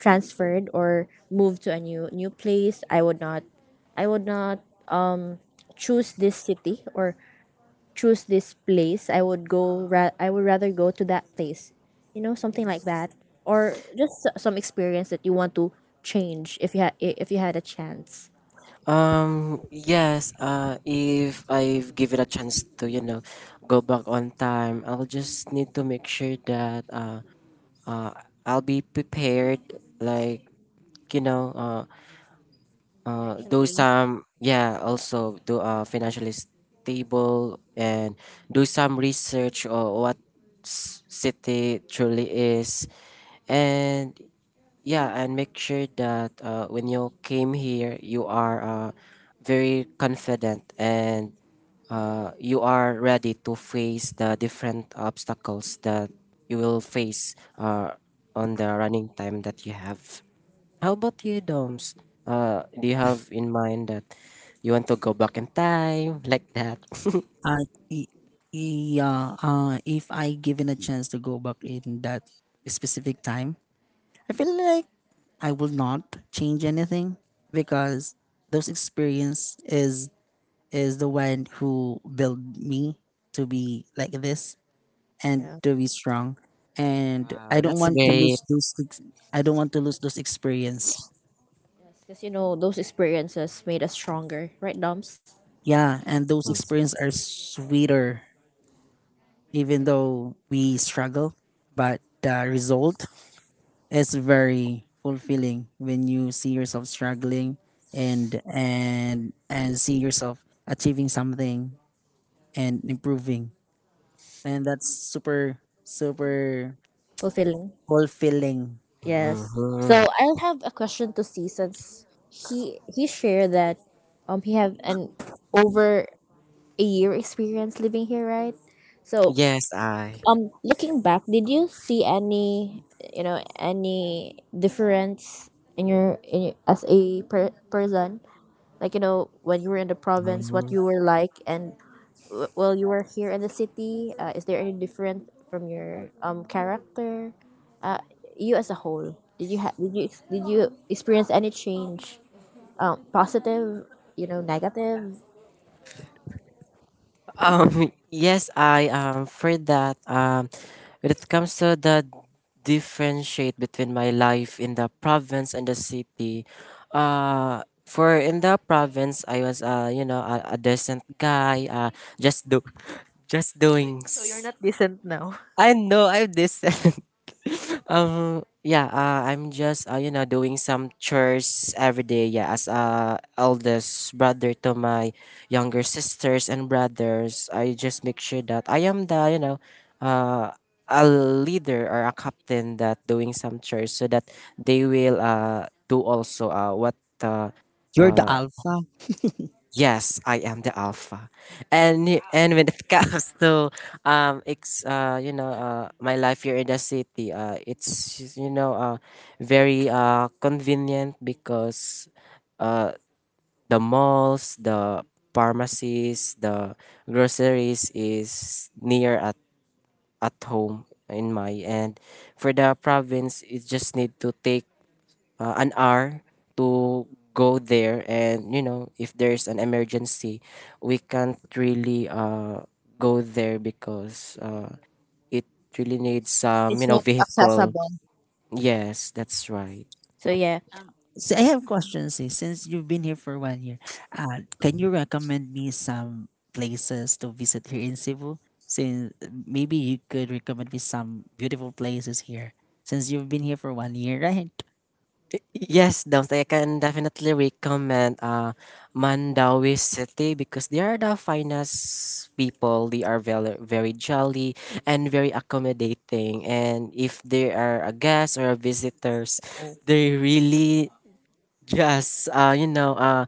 Speaker 1: transferred or moved to a new place, I would not I would not choose this city or choose this place. I would go. I would rather go to that place. You know, something like that, or just some experience that you want to change if you had a chance.
Speaker 3: Yes. If I give it a chance to, you know, go back on time, I'll just need to make sure that uh, I'll be prepared. Like you know, do
Speaker 1: Financially.
Speaker 3: some yeah also do financially stable and do some research or what city truly is and yeah, and make sure that when you came here, you are very confident and you are ready to face the different obstacles that you will face on the running time that you have. How about you, Doms? Do you have in mind that you want to go back in time like that?
Speaker 2: Uh, y- yeah, if I given a chance to go back in that specific time, I feel like I will not change anything because those experience is the one who built me to be like this and
Speaker 1: Yeah.
Speaker 2: to be strong. And I
Speaker 3: Wow,
Speaker 2: don't
Speaker 3: that's
Speaker 2: want to
Speaker 3: great.
Speaker 2: lose those. I don't want to lose those experience.
Speaker 1: Yes, because you know those experiences made us stronger, right, Doms?
Speaker 2: Yeah, and those experience are sweeter, even though we struggle, but the result, it's very fulfilling when you see yourself struggling and and see yourself achieving something and improving, and that's super super
Speaker 1: Fulfilling.
Speaker 2: fulfilling.
Speaker 3: Mhm.
Speaker 1: So I'll have a question to see, since he shared that, he have an over a year experience living here, right? So,
Speaker 3: Yes, I.
Speaker 1: Looking back, did you see any, any difference in your, as a person? Like, you know, when you were in the province,
Speaker 3: Mm-hmm.
Speaker 1: what you were like, and, while you were here in the city, is there any different from your, character? You as a whole, did you ha- did you ex- did you experience any change? Positive, negative.
Speaker 3: Yes, I am for that. When it comes to the differentiate between my life in the province and the city, for in the province, I was you know, a decent guy. Just do, just doing. S-
Speaker 1: Not decent now.
Speaker 3: I know I'm decent. Um yeah I'm just you know doing some chores every day, yeah, as eldest brother to my younger sisters and brothers. I just make sure that I am the, you know, uh a leader or a captain that doing some chores so that they will do also what uh,
Speaker 2: You're the
Speaker 3: uh
Speaker 2: alpha.
Speaker 3: yes, I am the alpha, and and when it comes to it's you know my life here in the city, it's just, you know very convenient because uh the malls, the pharmacies, the groceries is near at home in my. And for the province, it just need to take an hour to go there, and you know if there's an emergency, we can't really go there because it really needs some, you
Speaker 1: It's
Speaker 3: know,
Speaker 1: not
Speaker 3: vehicle.
Speaker 1: accessible.
Speaker 3: Yes, that's right.
Speaker 1: So yeah.
Speaker 2: So I have questions. Eh. Since you've been here for one year, can you recommend me some places to visit here in Cebu? Since maybe you could recommend me some beautiful places here. Since you've been here for one year, right?
Speaker 3: Yes, Dams, I can definitely recommend Mandawi City, because they are the finest people. They are very very jolly and very accommodating, and if they are a guest or a visitors, they really. Yes, uh, you know, uh,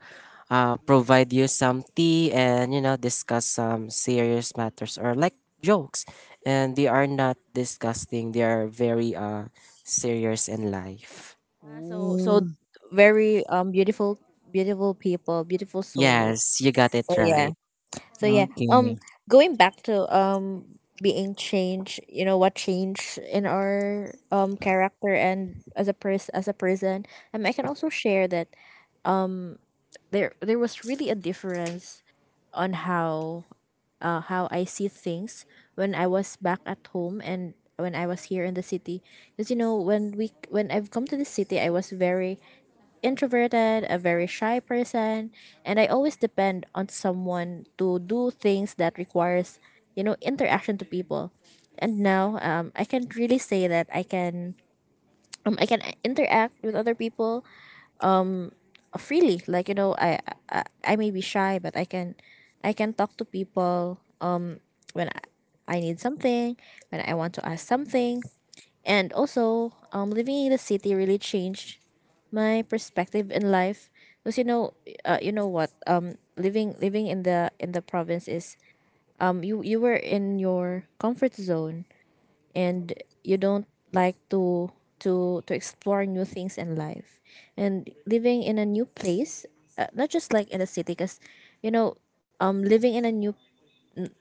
Speaker 3: uh, provide you some tea and you know discuss some serious matters or like jokes, and they are not disgusting. They are very serious in life.
Speaker 1: Ah, so
Speaker 2: Mm,
Speaker 1: very, beautiful people, beautiful souls.
Speaker 3: Yes, you got it right.
Speaker 1: So yeah, um
Speaker 2: okay.
Speaker 1: going back to, being changed, you know, what changed in our, character and as a person. And I can also share that there was really a difference on how I see things when I was back at home and when I was here in the city, because you know, when I've come to the city, I was very introverted, a very shy person, and I always depend on someone to do things that requires, interaction to people. And now, I can really say that I can interact with other people, freely. Like, you know, I may be shy, but I can talk to people when I need something, when I want to ask something, and also, living in the city really changed my perspective in life. Cause, you know what? Living in the province is, you were in your comfort zone, and you don't like to explore new things in life. And living in a new place, not just like in the city, cause, you know, living in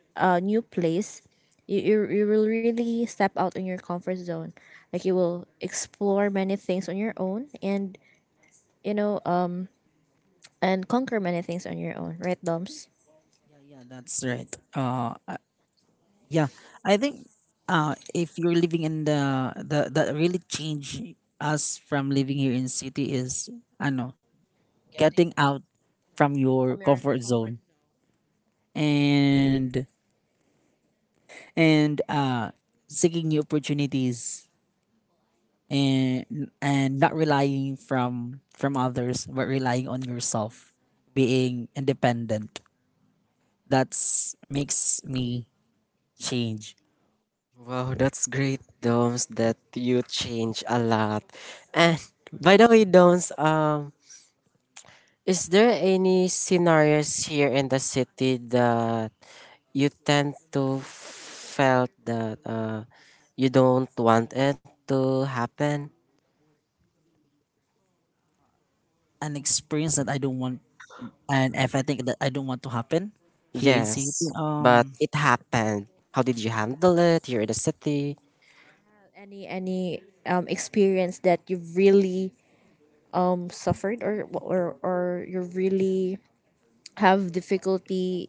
Speaker 1: a new place, you will really step out in your comfort zone. Like, you will explore many things on your own, and you know um and conquer many things on your own, right, Doms?
Speaker 2: Yeah, yeah, that's right. Yeah, I think if you're living in the that really change us from living here in city, is I know, getting out from your
Speaker 1: From your
Speaker 2: comfort
Speaker 1: comfort.
Speaker 2: zone. and and seeking new opportunities, and and not relying from others, but relying on yourself, being independent. That's makes me change.
Speaker 3: Wow, that's great, Domes, that you change a lot. And by the way, Domes, is there any scenarios here in the city that you tend to felt that you don't want it to happen.
Speaker 2: An experience that I don't want, and if I think that I don't want to happen here in city.
Speaker 3: Yes, but
Speaker 2: um
Speaker 3: it happened. How did you handle it here in the city?
Speaker 1: Any experience that you've really, suffered or you really have difficulty,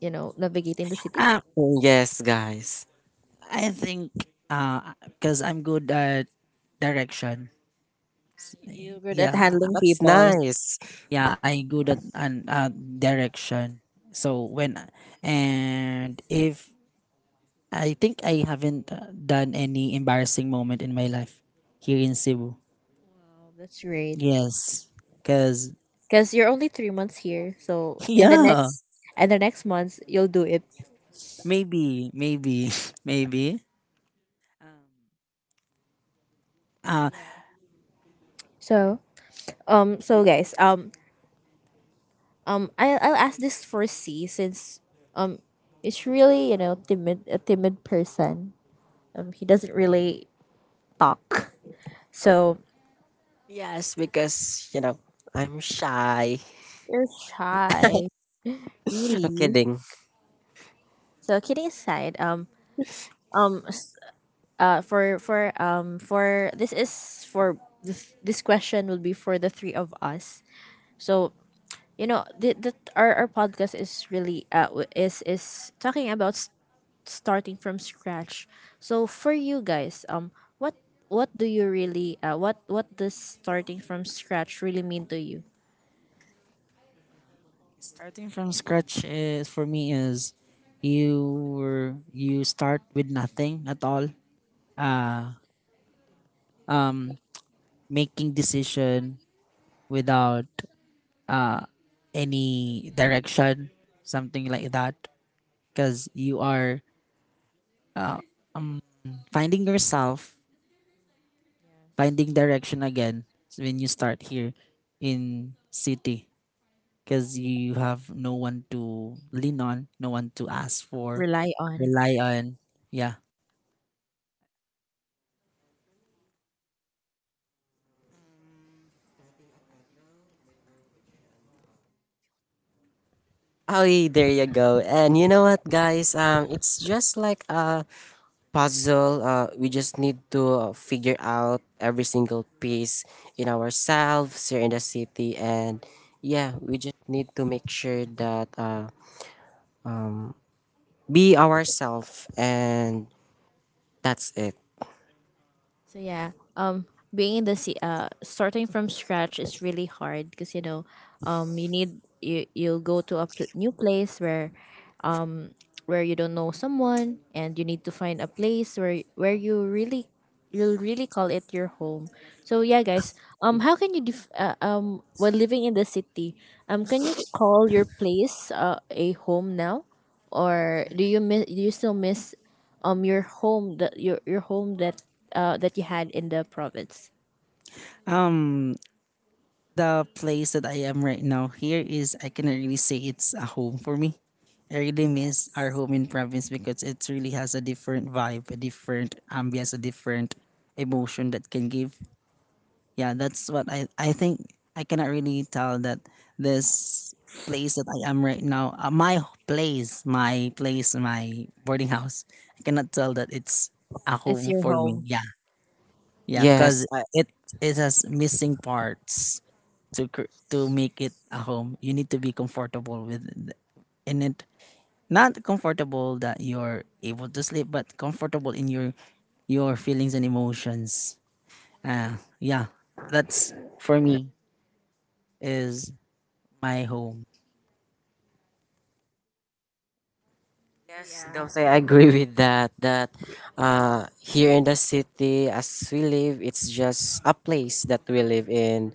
Speaker 1: navigating the city?
Speaker 2: i,
Speaker 3: Oh, yes, guys.
Speaker 2: I think because I'm good at direction.
Speaker 1: Good at
Speaker 2: Yeah,
Speaker 1: handling
Speaker 3: That's
Speaker 1: people.
Speaker 3: nice.
Speaker 2: yeah, I'm good at an direction. So when and if I think I haven't done any embarrassing moment in my life here in cebu.
Speaker 1: Wow, that's great.
Speaker 2: Yes, because
Speaker 1: Because you're only 3 months here, so in the
Speaker 2: yeah.
Speaker 1: next months, you'll do it.
Speaker 2: maybe maybe maybe uh
Speaker 1: Yeah. So so guys, I'll ask this for C, since, um it's really, you know, timid a timid person. He doesn't really talk. So
Speaker 3: Yes, because, you know, I'm shy.
Speaker 1: you're shy,
Speaker 3: I'm
Speaker 1: really.
Speaker 3: kidding.
Speaker 1: So kidding aside, um s- for this is for This question will be for the three of us. So you know our podcast is really w- is talking about s starting from scratch. So for you guys, what what do you really what does starting from scratch really mean to you?
Speaker 2: starting from scratch is, for me, is you were you start with nothing at all. um Making decision without any direction, something like that. Because you are uh, finding yourself, finding direction again when you start here in city. Because you have no one to lean on, no one to ask for,
Speaker 1: Rely on.
Speaker 2: rely on. Yeah.
Speaker 3: Oh, there you go. And you know what, guys? It's just like puzzle. We just need to figure out every single piece in ourselves here in the city, and yeah, we just need to make sure that um, be ourselves, and that's it.
Speaker 1: So yeah, being in the starting from scratch is really hard because, you know, you need, you'll go to a new place where you don't know someone, and you need to find a place where you really, you'll really call it your home. So yeah guys, how can you while living in the city, can you call your place a home now, or do you miss, do you still miss your home that your home that that you had in the province?
Speaker 2: Um. The place that I am right now here is, I cannot really say it's a home for me. I really miss our home in province because it really has a different vibe, a different ambience, a different emotion that can give. Yeah, that's what I think. I cannot really tell that this place that I am right now, my place, my boarding house. I cannot tell that it's a
Speaker 1: It's
Speaker 2: home
Speaker 1: your
Speaker 2: for me.
Speaker 1: home.
Speaker 2: Yeah, yeah,
Speaker 3: Yes,
Speaker 2: cause
Speaker 3: I.
Speaker 2: it has missing parts. To to make it a home, you need to be comfortable with in it. Not comfortable that you're able to sleep, but comfortable in your feelings and emotions. Yeah, that's for me is my home.
Speaker 1: So
Speaker 3: Yes,
Speaker 1: yeah.
Speaker 3: Domsay, I agree with that. That here in the city, as we live, it's just a place that we live in.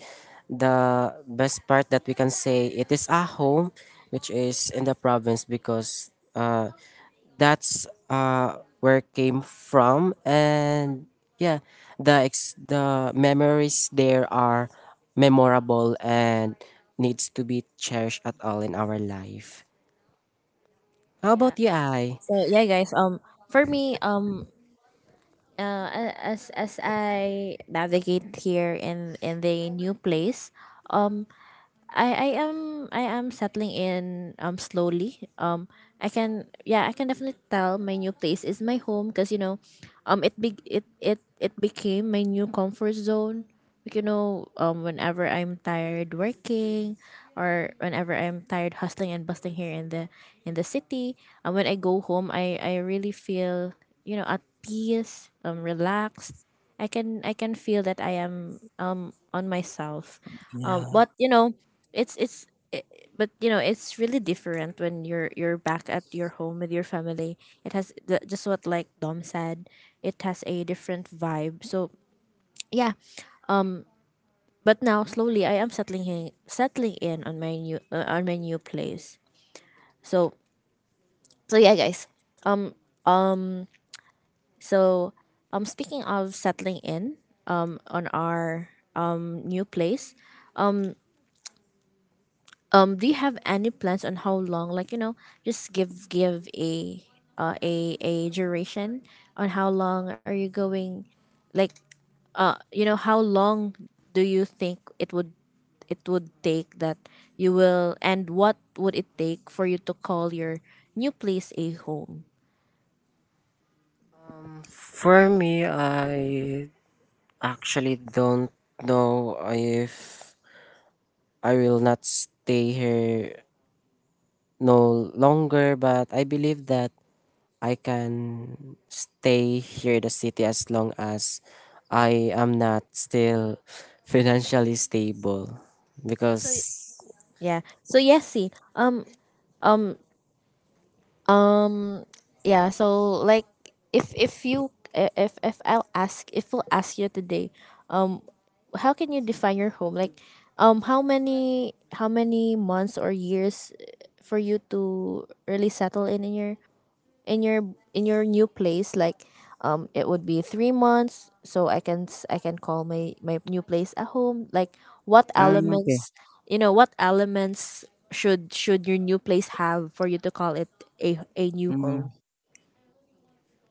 Speaker 3: The best part that we can say it is a home, which is in the province, because that's where it came from, and yeah, the memories there are memorable and needs to be cherished at all in our life. How
Speaker 1: Yeah.
Speaker 3: about you, I?
Speaker 1: So yeah guys, for me, as I navigate here in the new place, um, I I am I am settling in slowly. I can, yeah, I can definitely tell my new place is my home, because you know, it be it it it became my new comfort zone. Like, you know, whenever I'm tired working or whenever I'm tired hustling and busting here in the, in the city, and when I go home, I really feel, you know, at peace, relaxed. I can feel that I am on myself.
Speaker 2: Yeah.
Speaker 1: But you know, it's it's it, but you know it's really different when you're back at your home with your family. It has the, just what like Dom said, it has a different vibe. So yeah. um, but now slowly I am settling in, on my new place. So. So yeah guys. So, speaking of settling in, on our new place. Do you have any plans on how long? Like you know, just give give a a duration on how long are you going? Like, you know, how long do you think it would, it would take that you will, and what would it take for you to call your new place a home?
Speaker 3: For me, I actually don't know if I will not stay here no longer, but I believe that I can stay here in the city as long as I am not still financially stable.
Speaker 1: So so y-
Speaker 3: Because
Speaker 1: yeah. So yes, see. Um Um. Yeah. So like, if if I'll ask, if we'll ask you today, um, how can you define your home? Like, how many, how many months or years for you to really settle in your, in your in your new place? Like, it would be 3 months, so I can I can call my, my new place a home. Like, what
Speaker 2: Okay.
Speaker 1: elements, you know, what elements should your new place have for you to call it a new
Speaker 2: Mm,
Speaker 1: home?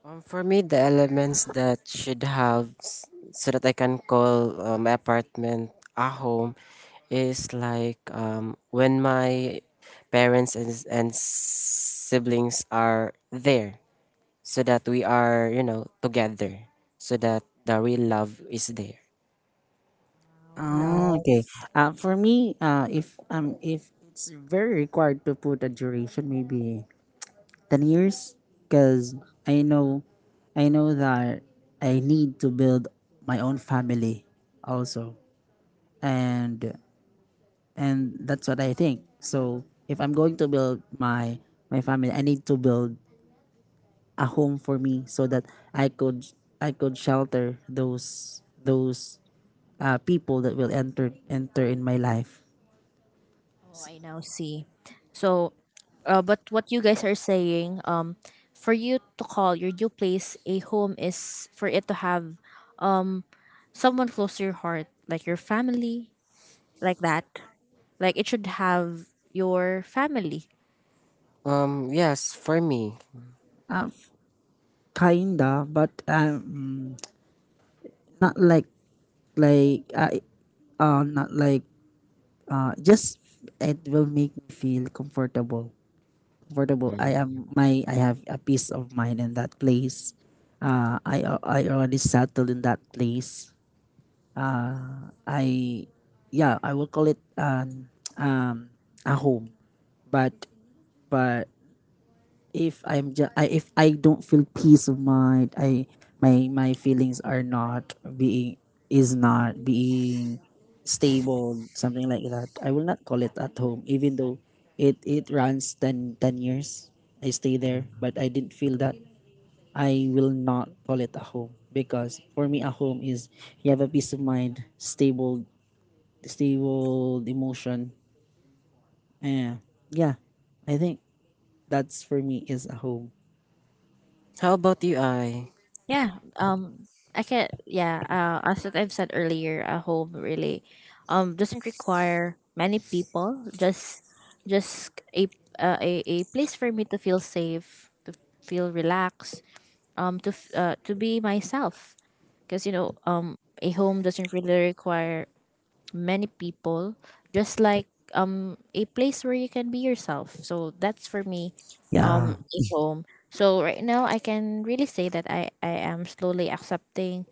Speaker 3: for me, the elements that should have so that I can call my apartment a home is like when my parents and siblings are there, so that we are, you know, together, so that the real love is there.
Speaker 2: oh, okay. For me, if it's very required to put a duration, maybe 10 years, because I know, I know that I need to build my own family, also. and and that's what I think. So if I'm going to build my family, I need to build a home for me so that I could I could shelter those people that will enter in my life.
Speaker 1: Oh, I now see. So, but what you guys are saying, for you to call your new place a home is for it to have um someone close to your heart, like your family. Like that, like it should have your family.
Speaker 3: Yes, for me.
Speaker 2: uh, Kinda, but not like, like I not like just it will make me feel comfortable. I
Speaker 3: Mm.
Speaker 2: am my I have a peace of mind in that place. I already settled in that place. I Yeah, I will call it an a home. But but if I don't feel peace of mind, I my my feelings are not being is not being stable, something like that. I will not call it at home, even though it runs ten years. I stay there, but I didn't feel that. I will not call it a home because, for me, a home is, you have a peace of mind, stable emotion. Yeah, yeah. I think that's for me is a home.
Speaker 3: How about you, I?
Speaker 1: Yeah. I can, yeah, as what I've said earlier, a home really doesn't require many people, just a a place for me to feel safe, to feel relaxed, to be myself. Because, you know, a home doesn't really require many people, just like a place where you can be yourself. So that's for me,
Speaker 2: Yeah.
Speaker 1: stay home. So right now I can really say that I am slowly accepting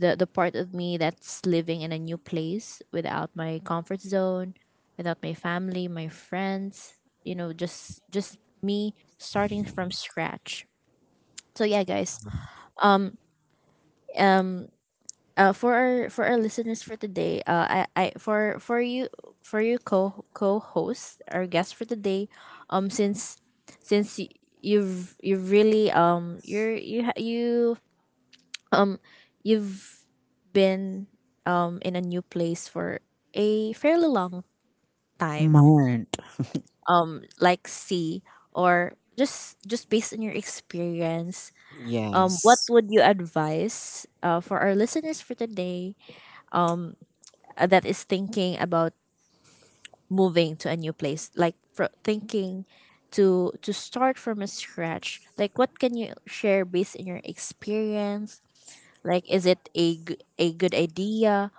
Speaker 1: the part of me that's living in a new place without my comfort zone, without my family, my friends, you know, just me starting from scratch. So yeah guys, Um. For our, for our listeners for today, I, for you co co host our guest for today, since since y- you've really you're you ha- you you've been in a new place for a fairly long time,
Speaker 2: Mind.
Speaker 1: like C, or just based on your experience, what
Speaker 3: Yes.
Speaker 1: would you advise for our listeners for today, um, that is thinking about moving to a new place, like fro thinking to start from a scratch? Like, what can you share based on your experience? Like, is it a, a good idea?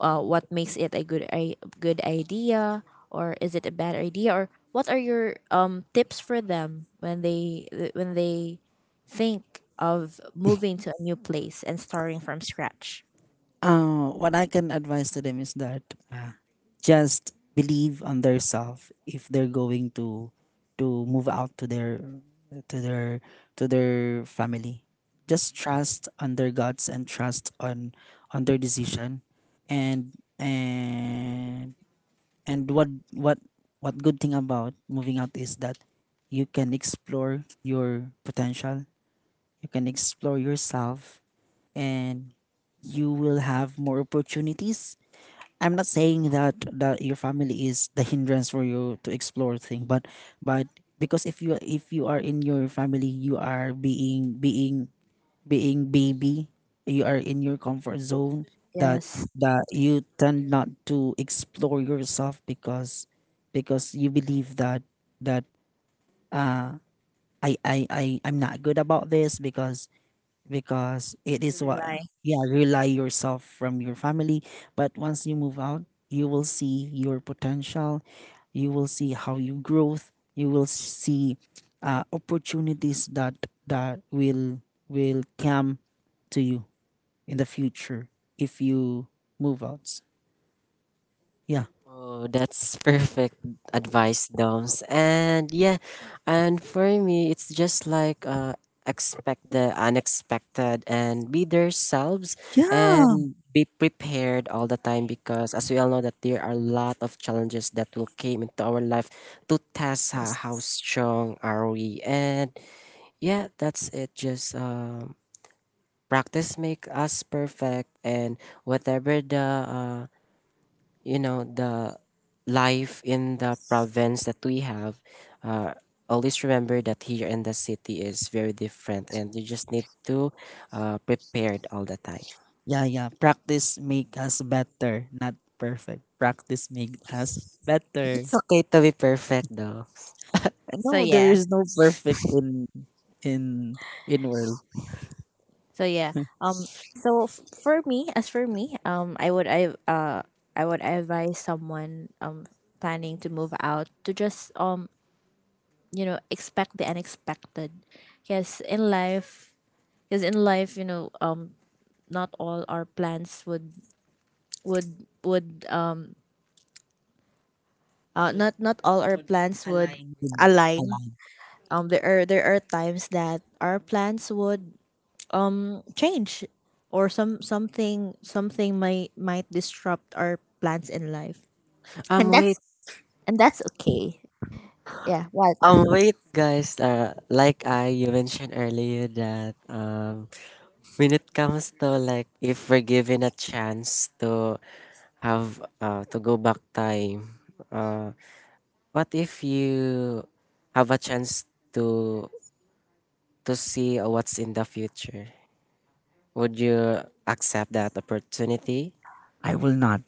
Speaker 1: What makes it a good, a good idea, or is it a bad idea? Or what are your tips for them when they, when they think of moving to a new place and starting from scratch?
Speaker 2: What I can advise to them is that uh, just believe on themselves if they're going to move out to to their their family. Just trust on their guts and trust on their decision, and and and what what what good thing about moving out is that you can explore your potential. You can explore yourself and you will have more opportunities. I'm not saying that your family is the hindrance for you to explore thing, but because if you are in your family, you are being baby. You are in your comfort zone, that
Speaker 1: Yes.
Speaker 2: that you tend not to explore yourself because, you believe that I'm not good about this because, it
Speaker 1: You
Speaker 2: is what.
Speaker 1: rely.
Speaker 2: Yeah, rely yourself from your family. But once you move out, you will see your potential. You will see how you growth. You will see opportunities that will come to you in the future if you move out. Yeah.
Speaker 3: Oh, that's perfect advice, Doms. And yeah, and for me, it's just like expect the unexpected and be themselves
Speaker 2: Yeah.
Speaker 3: and be prepared all the time, because as we all know that there are a lot of challenges that will came into our life to test
Speaker 2: Yes.
Speaker 3: how strong are we. And yeah, that's it. Just practice make us perfect, and whatever the you know the life in the province that we have uh, always remember that here in the city is very different, and you just need to prepared all the time.
Speaker 2: Yeah, yeah. Practice make us better, not perfect. Practice make us better.
Speaker 3: It's okay to be perfect though.
Speaker 2: And
Speaker 1: So
Speaker 2: no, there
Speaker 1: yeah.
Speaker 2: is no perfect in in world.
Speaker 1: So yeah. Um. So for me, as for me, I would advise someone planning to move out to just you know, expect the unexpected. Because in life, because in life, you know, not all our plans would would would um not all our plans would
Speaker 2: Align with,
Speaker 1: align.
Speaker 2: align.
Speaker 1: There are, there are times that our plans would change, or something, something might disrupt our plans in life.
Speaker 3: um wait
Speaker 1: And that's okay. Yeah. What?
Speaker 3: um wait guys, like I, you mentioned earlier that when it comes to, like, if we're given a chance to have to go back time, uh, what if you have a chance to to see what's in the future. Would you accept that opportunity?
Speaker 2: I will not.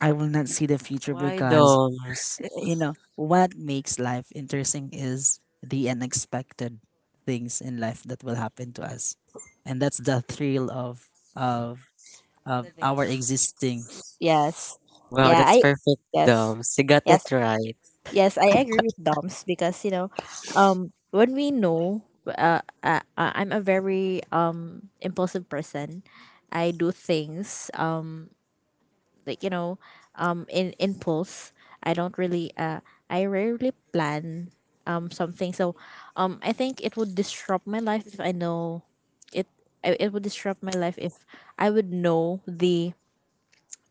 Speaker 2: I will not see the future
Speaker 3: Why,
Speaker 2: because,
Speaker 3: Domes?
Speaker 2: you know what makes life interesting is the unexpected things in life that will happen to us, and that's the thrill of of our existing.
Speaker 1: Yes.
Speaker 3: Wow,
Speaker 1: Yeah.
Speaker 3: that's
Speaker 1: I
Speaker 3: perfect,
Speaker 1: Yes,
Speaker 3: Domes. You got
Speaker 1: yes,
Speaker 3: it right.
Speaker 1: yes. I agree with Doms, because you know, I'm a very impulsive person. I do things like, you know, in impulse. I don't really I rarely plan something. So I think it would disrupt my life if I know it it would disrupt my life if I would know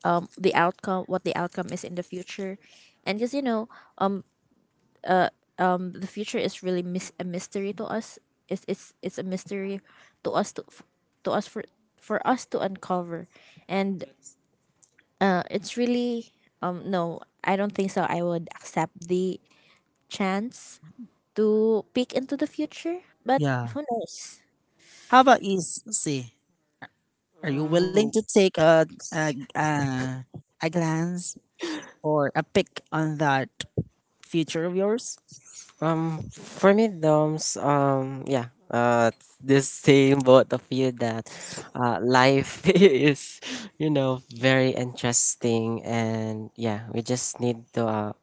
Speaker 1: the outcome, what the outcome is in the future. And because, you know, um the future is really a mystery to us. It's a mystery to us, to us for us to uncover. And it's really, no, I don't think so. I would accept the chance to peek into the future, but
Speaker 2: Yeah.
Speaker 1: who knows?
Speaker 2: How about you, see? Are you
Speaker 3: Um,
Speaker 2: willing to take a glance or a pick on that future of yours?
Speaker 3: for me, Domes. Yeah. It's the same both of you that, life is, you know, very interesting, and yeah, we just need to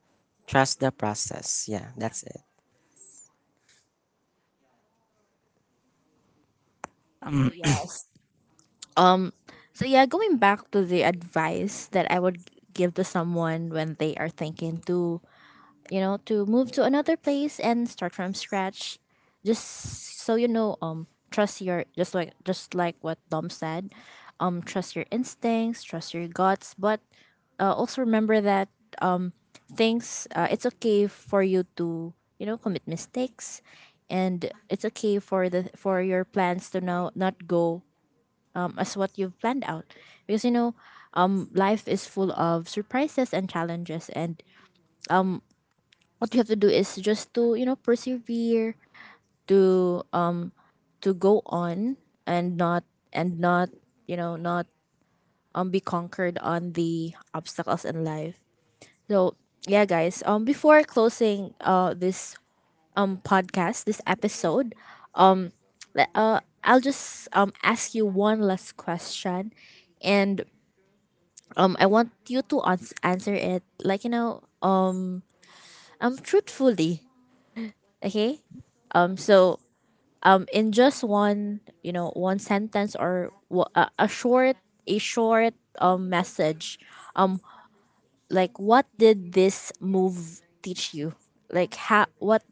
Speaker 3: trust the process. Yeah, that's it.
Speaker 1: So
Speaker 2: Um,
Speaker 1: yeah. Um. So yeah, going back to the advice that I would give to someone when they are thinking to, you know, to move to another place and start from scratch, just so you know, trust your, just like, just like what Dom said, trust your instincts, trust your guts. But also remember that things, it's okay for you to, you know, commit mistakes, and it's okay for the for your plans to now not go, as what you've planned out. Because you know, life is full of surprises and challenges, and what you have to do is just to, you know, persevere, to um, to go on and not, and not you know, not be conquered on the obstacles in life. So yeah guys, before closing this podcast, this episode, I'll just ask you one last question, and I want you to answer it like, you know, truthfully, okay? So in just one, you know, one sentence or a short, a short message, um like, what did this move teach you? Like, how, what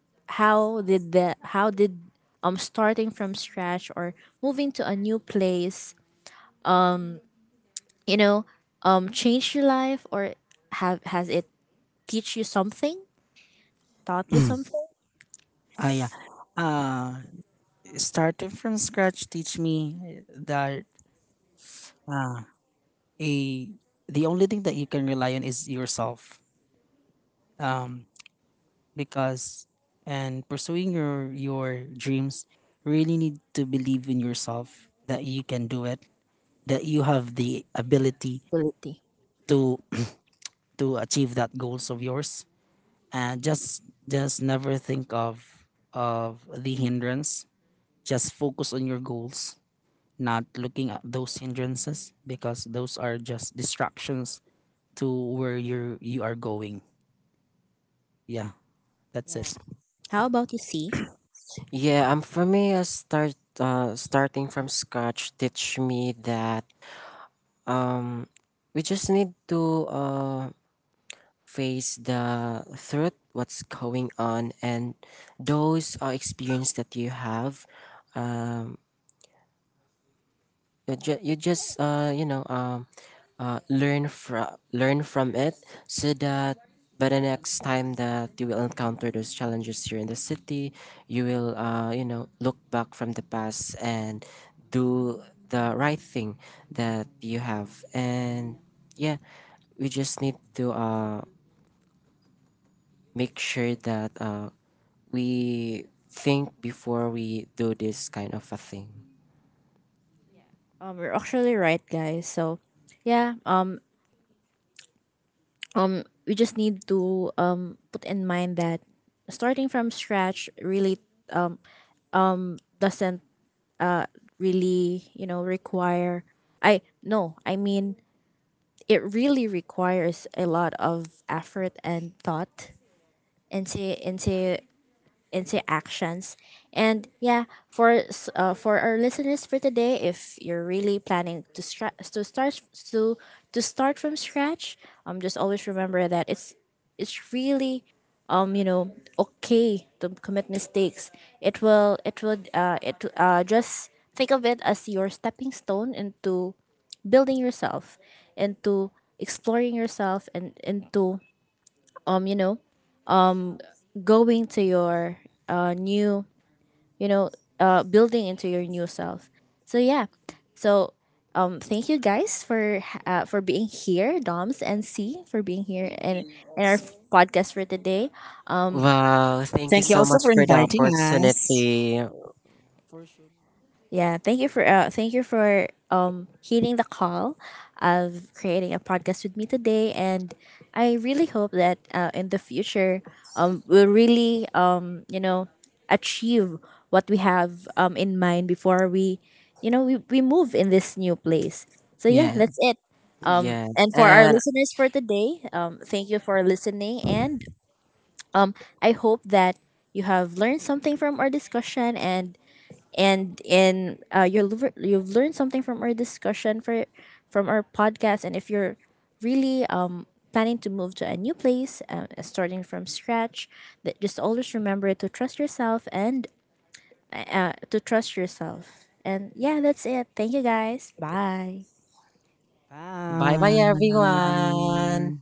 Speaker 1: how did the how did starting from scratch, or moving to a new place, you know, change your life? Or have, has it teach you something, taught you
Speaker 2: uh,
Speaker 1: something?
Speaker 2: yeah. Uh, Starting from scratch teach me that uh, a the only thing that you can rely on is yourself. Um, because and pursuing your dreams, really need to believe in yourself that you can do it, that you have the ability
Speaker 1: Ability.
Speaker 2: to to achieve that goals of yours. And just never think of the hindrance. Just focus on your goals, not looking at those hindrances because those are just distractions to where you are going. Yeah, that's it.
Speaker 1: Yeah. How about you, see?
Speaker 3: Yeah, for me, starting from scratch teach me that we just need to face the truth, what's going on, and those experience that you have. um, you, just you just learn from it, so that by the next time that you will encounter those challenges here in the city, you will you know look back from the past and do the right thing that you have. And yeah, we just need to make sure that we think before we do this kind of a thing.
Speaker 1: Um, we're actually right guys. So yeah, we just need to put in mind that starting from scratch really doesn't, really, you know, require, I no I mean, it really requires a lot of effort and thought into, into actions. And yeah, for for our listeners for today, if you're really planning to to to start from scratch, just always remember that it's really, you know, okay to commit mistakes. It will it will it just think of it as your stepping stone into building yourself, into exploring yourself, and into you know, going to your new, you know, building into your new self. So yeah, so thank you guys for being here, Doms and C, for being here and in our podcast for today. Um,
Speaker 3: Wow, thank you
Speaker 2: Thank you
Speaker 3: so
Speaker 2: also
Speaker 3: much
Speaker 2: for
Speaker 3: for the
Speaker 2: inviting us.
Speaker 3: opportunity.
Speaker 2: For sure.
Speaker 1: Yeah, thank you for heeding the call of creating a podcast with me today. And I really hope that, in the future, we'll really, you know, achieve what we have in mind before we, you know, we move in this new place. So yeah,
Speaker 2: Yeah.
Speaker 1: that's it.
Speaker 3: Yeah.
Speaker 1: And for our
Speaker 3: And
Speaker 1: listeners for today, thank you for listening. And um, I hope that you have learned something from our discussion, and you've learned something from our discussion, for from our podcast. And if you're really planning to move to a new place, starting from scratch, that just always remember to trust yourself, and yeah, that's it. Thank you guys, bye.
Speaker 3: bye
Speaker 2: Bye.
Speaker 3: bye, everyone.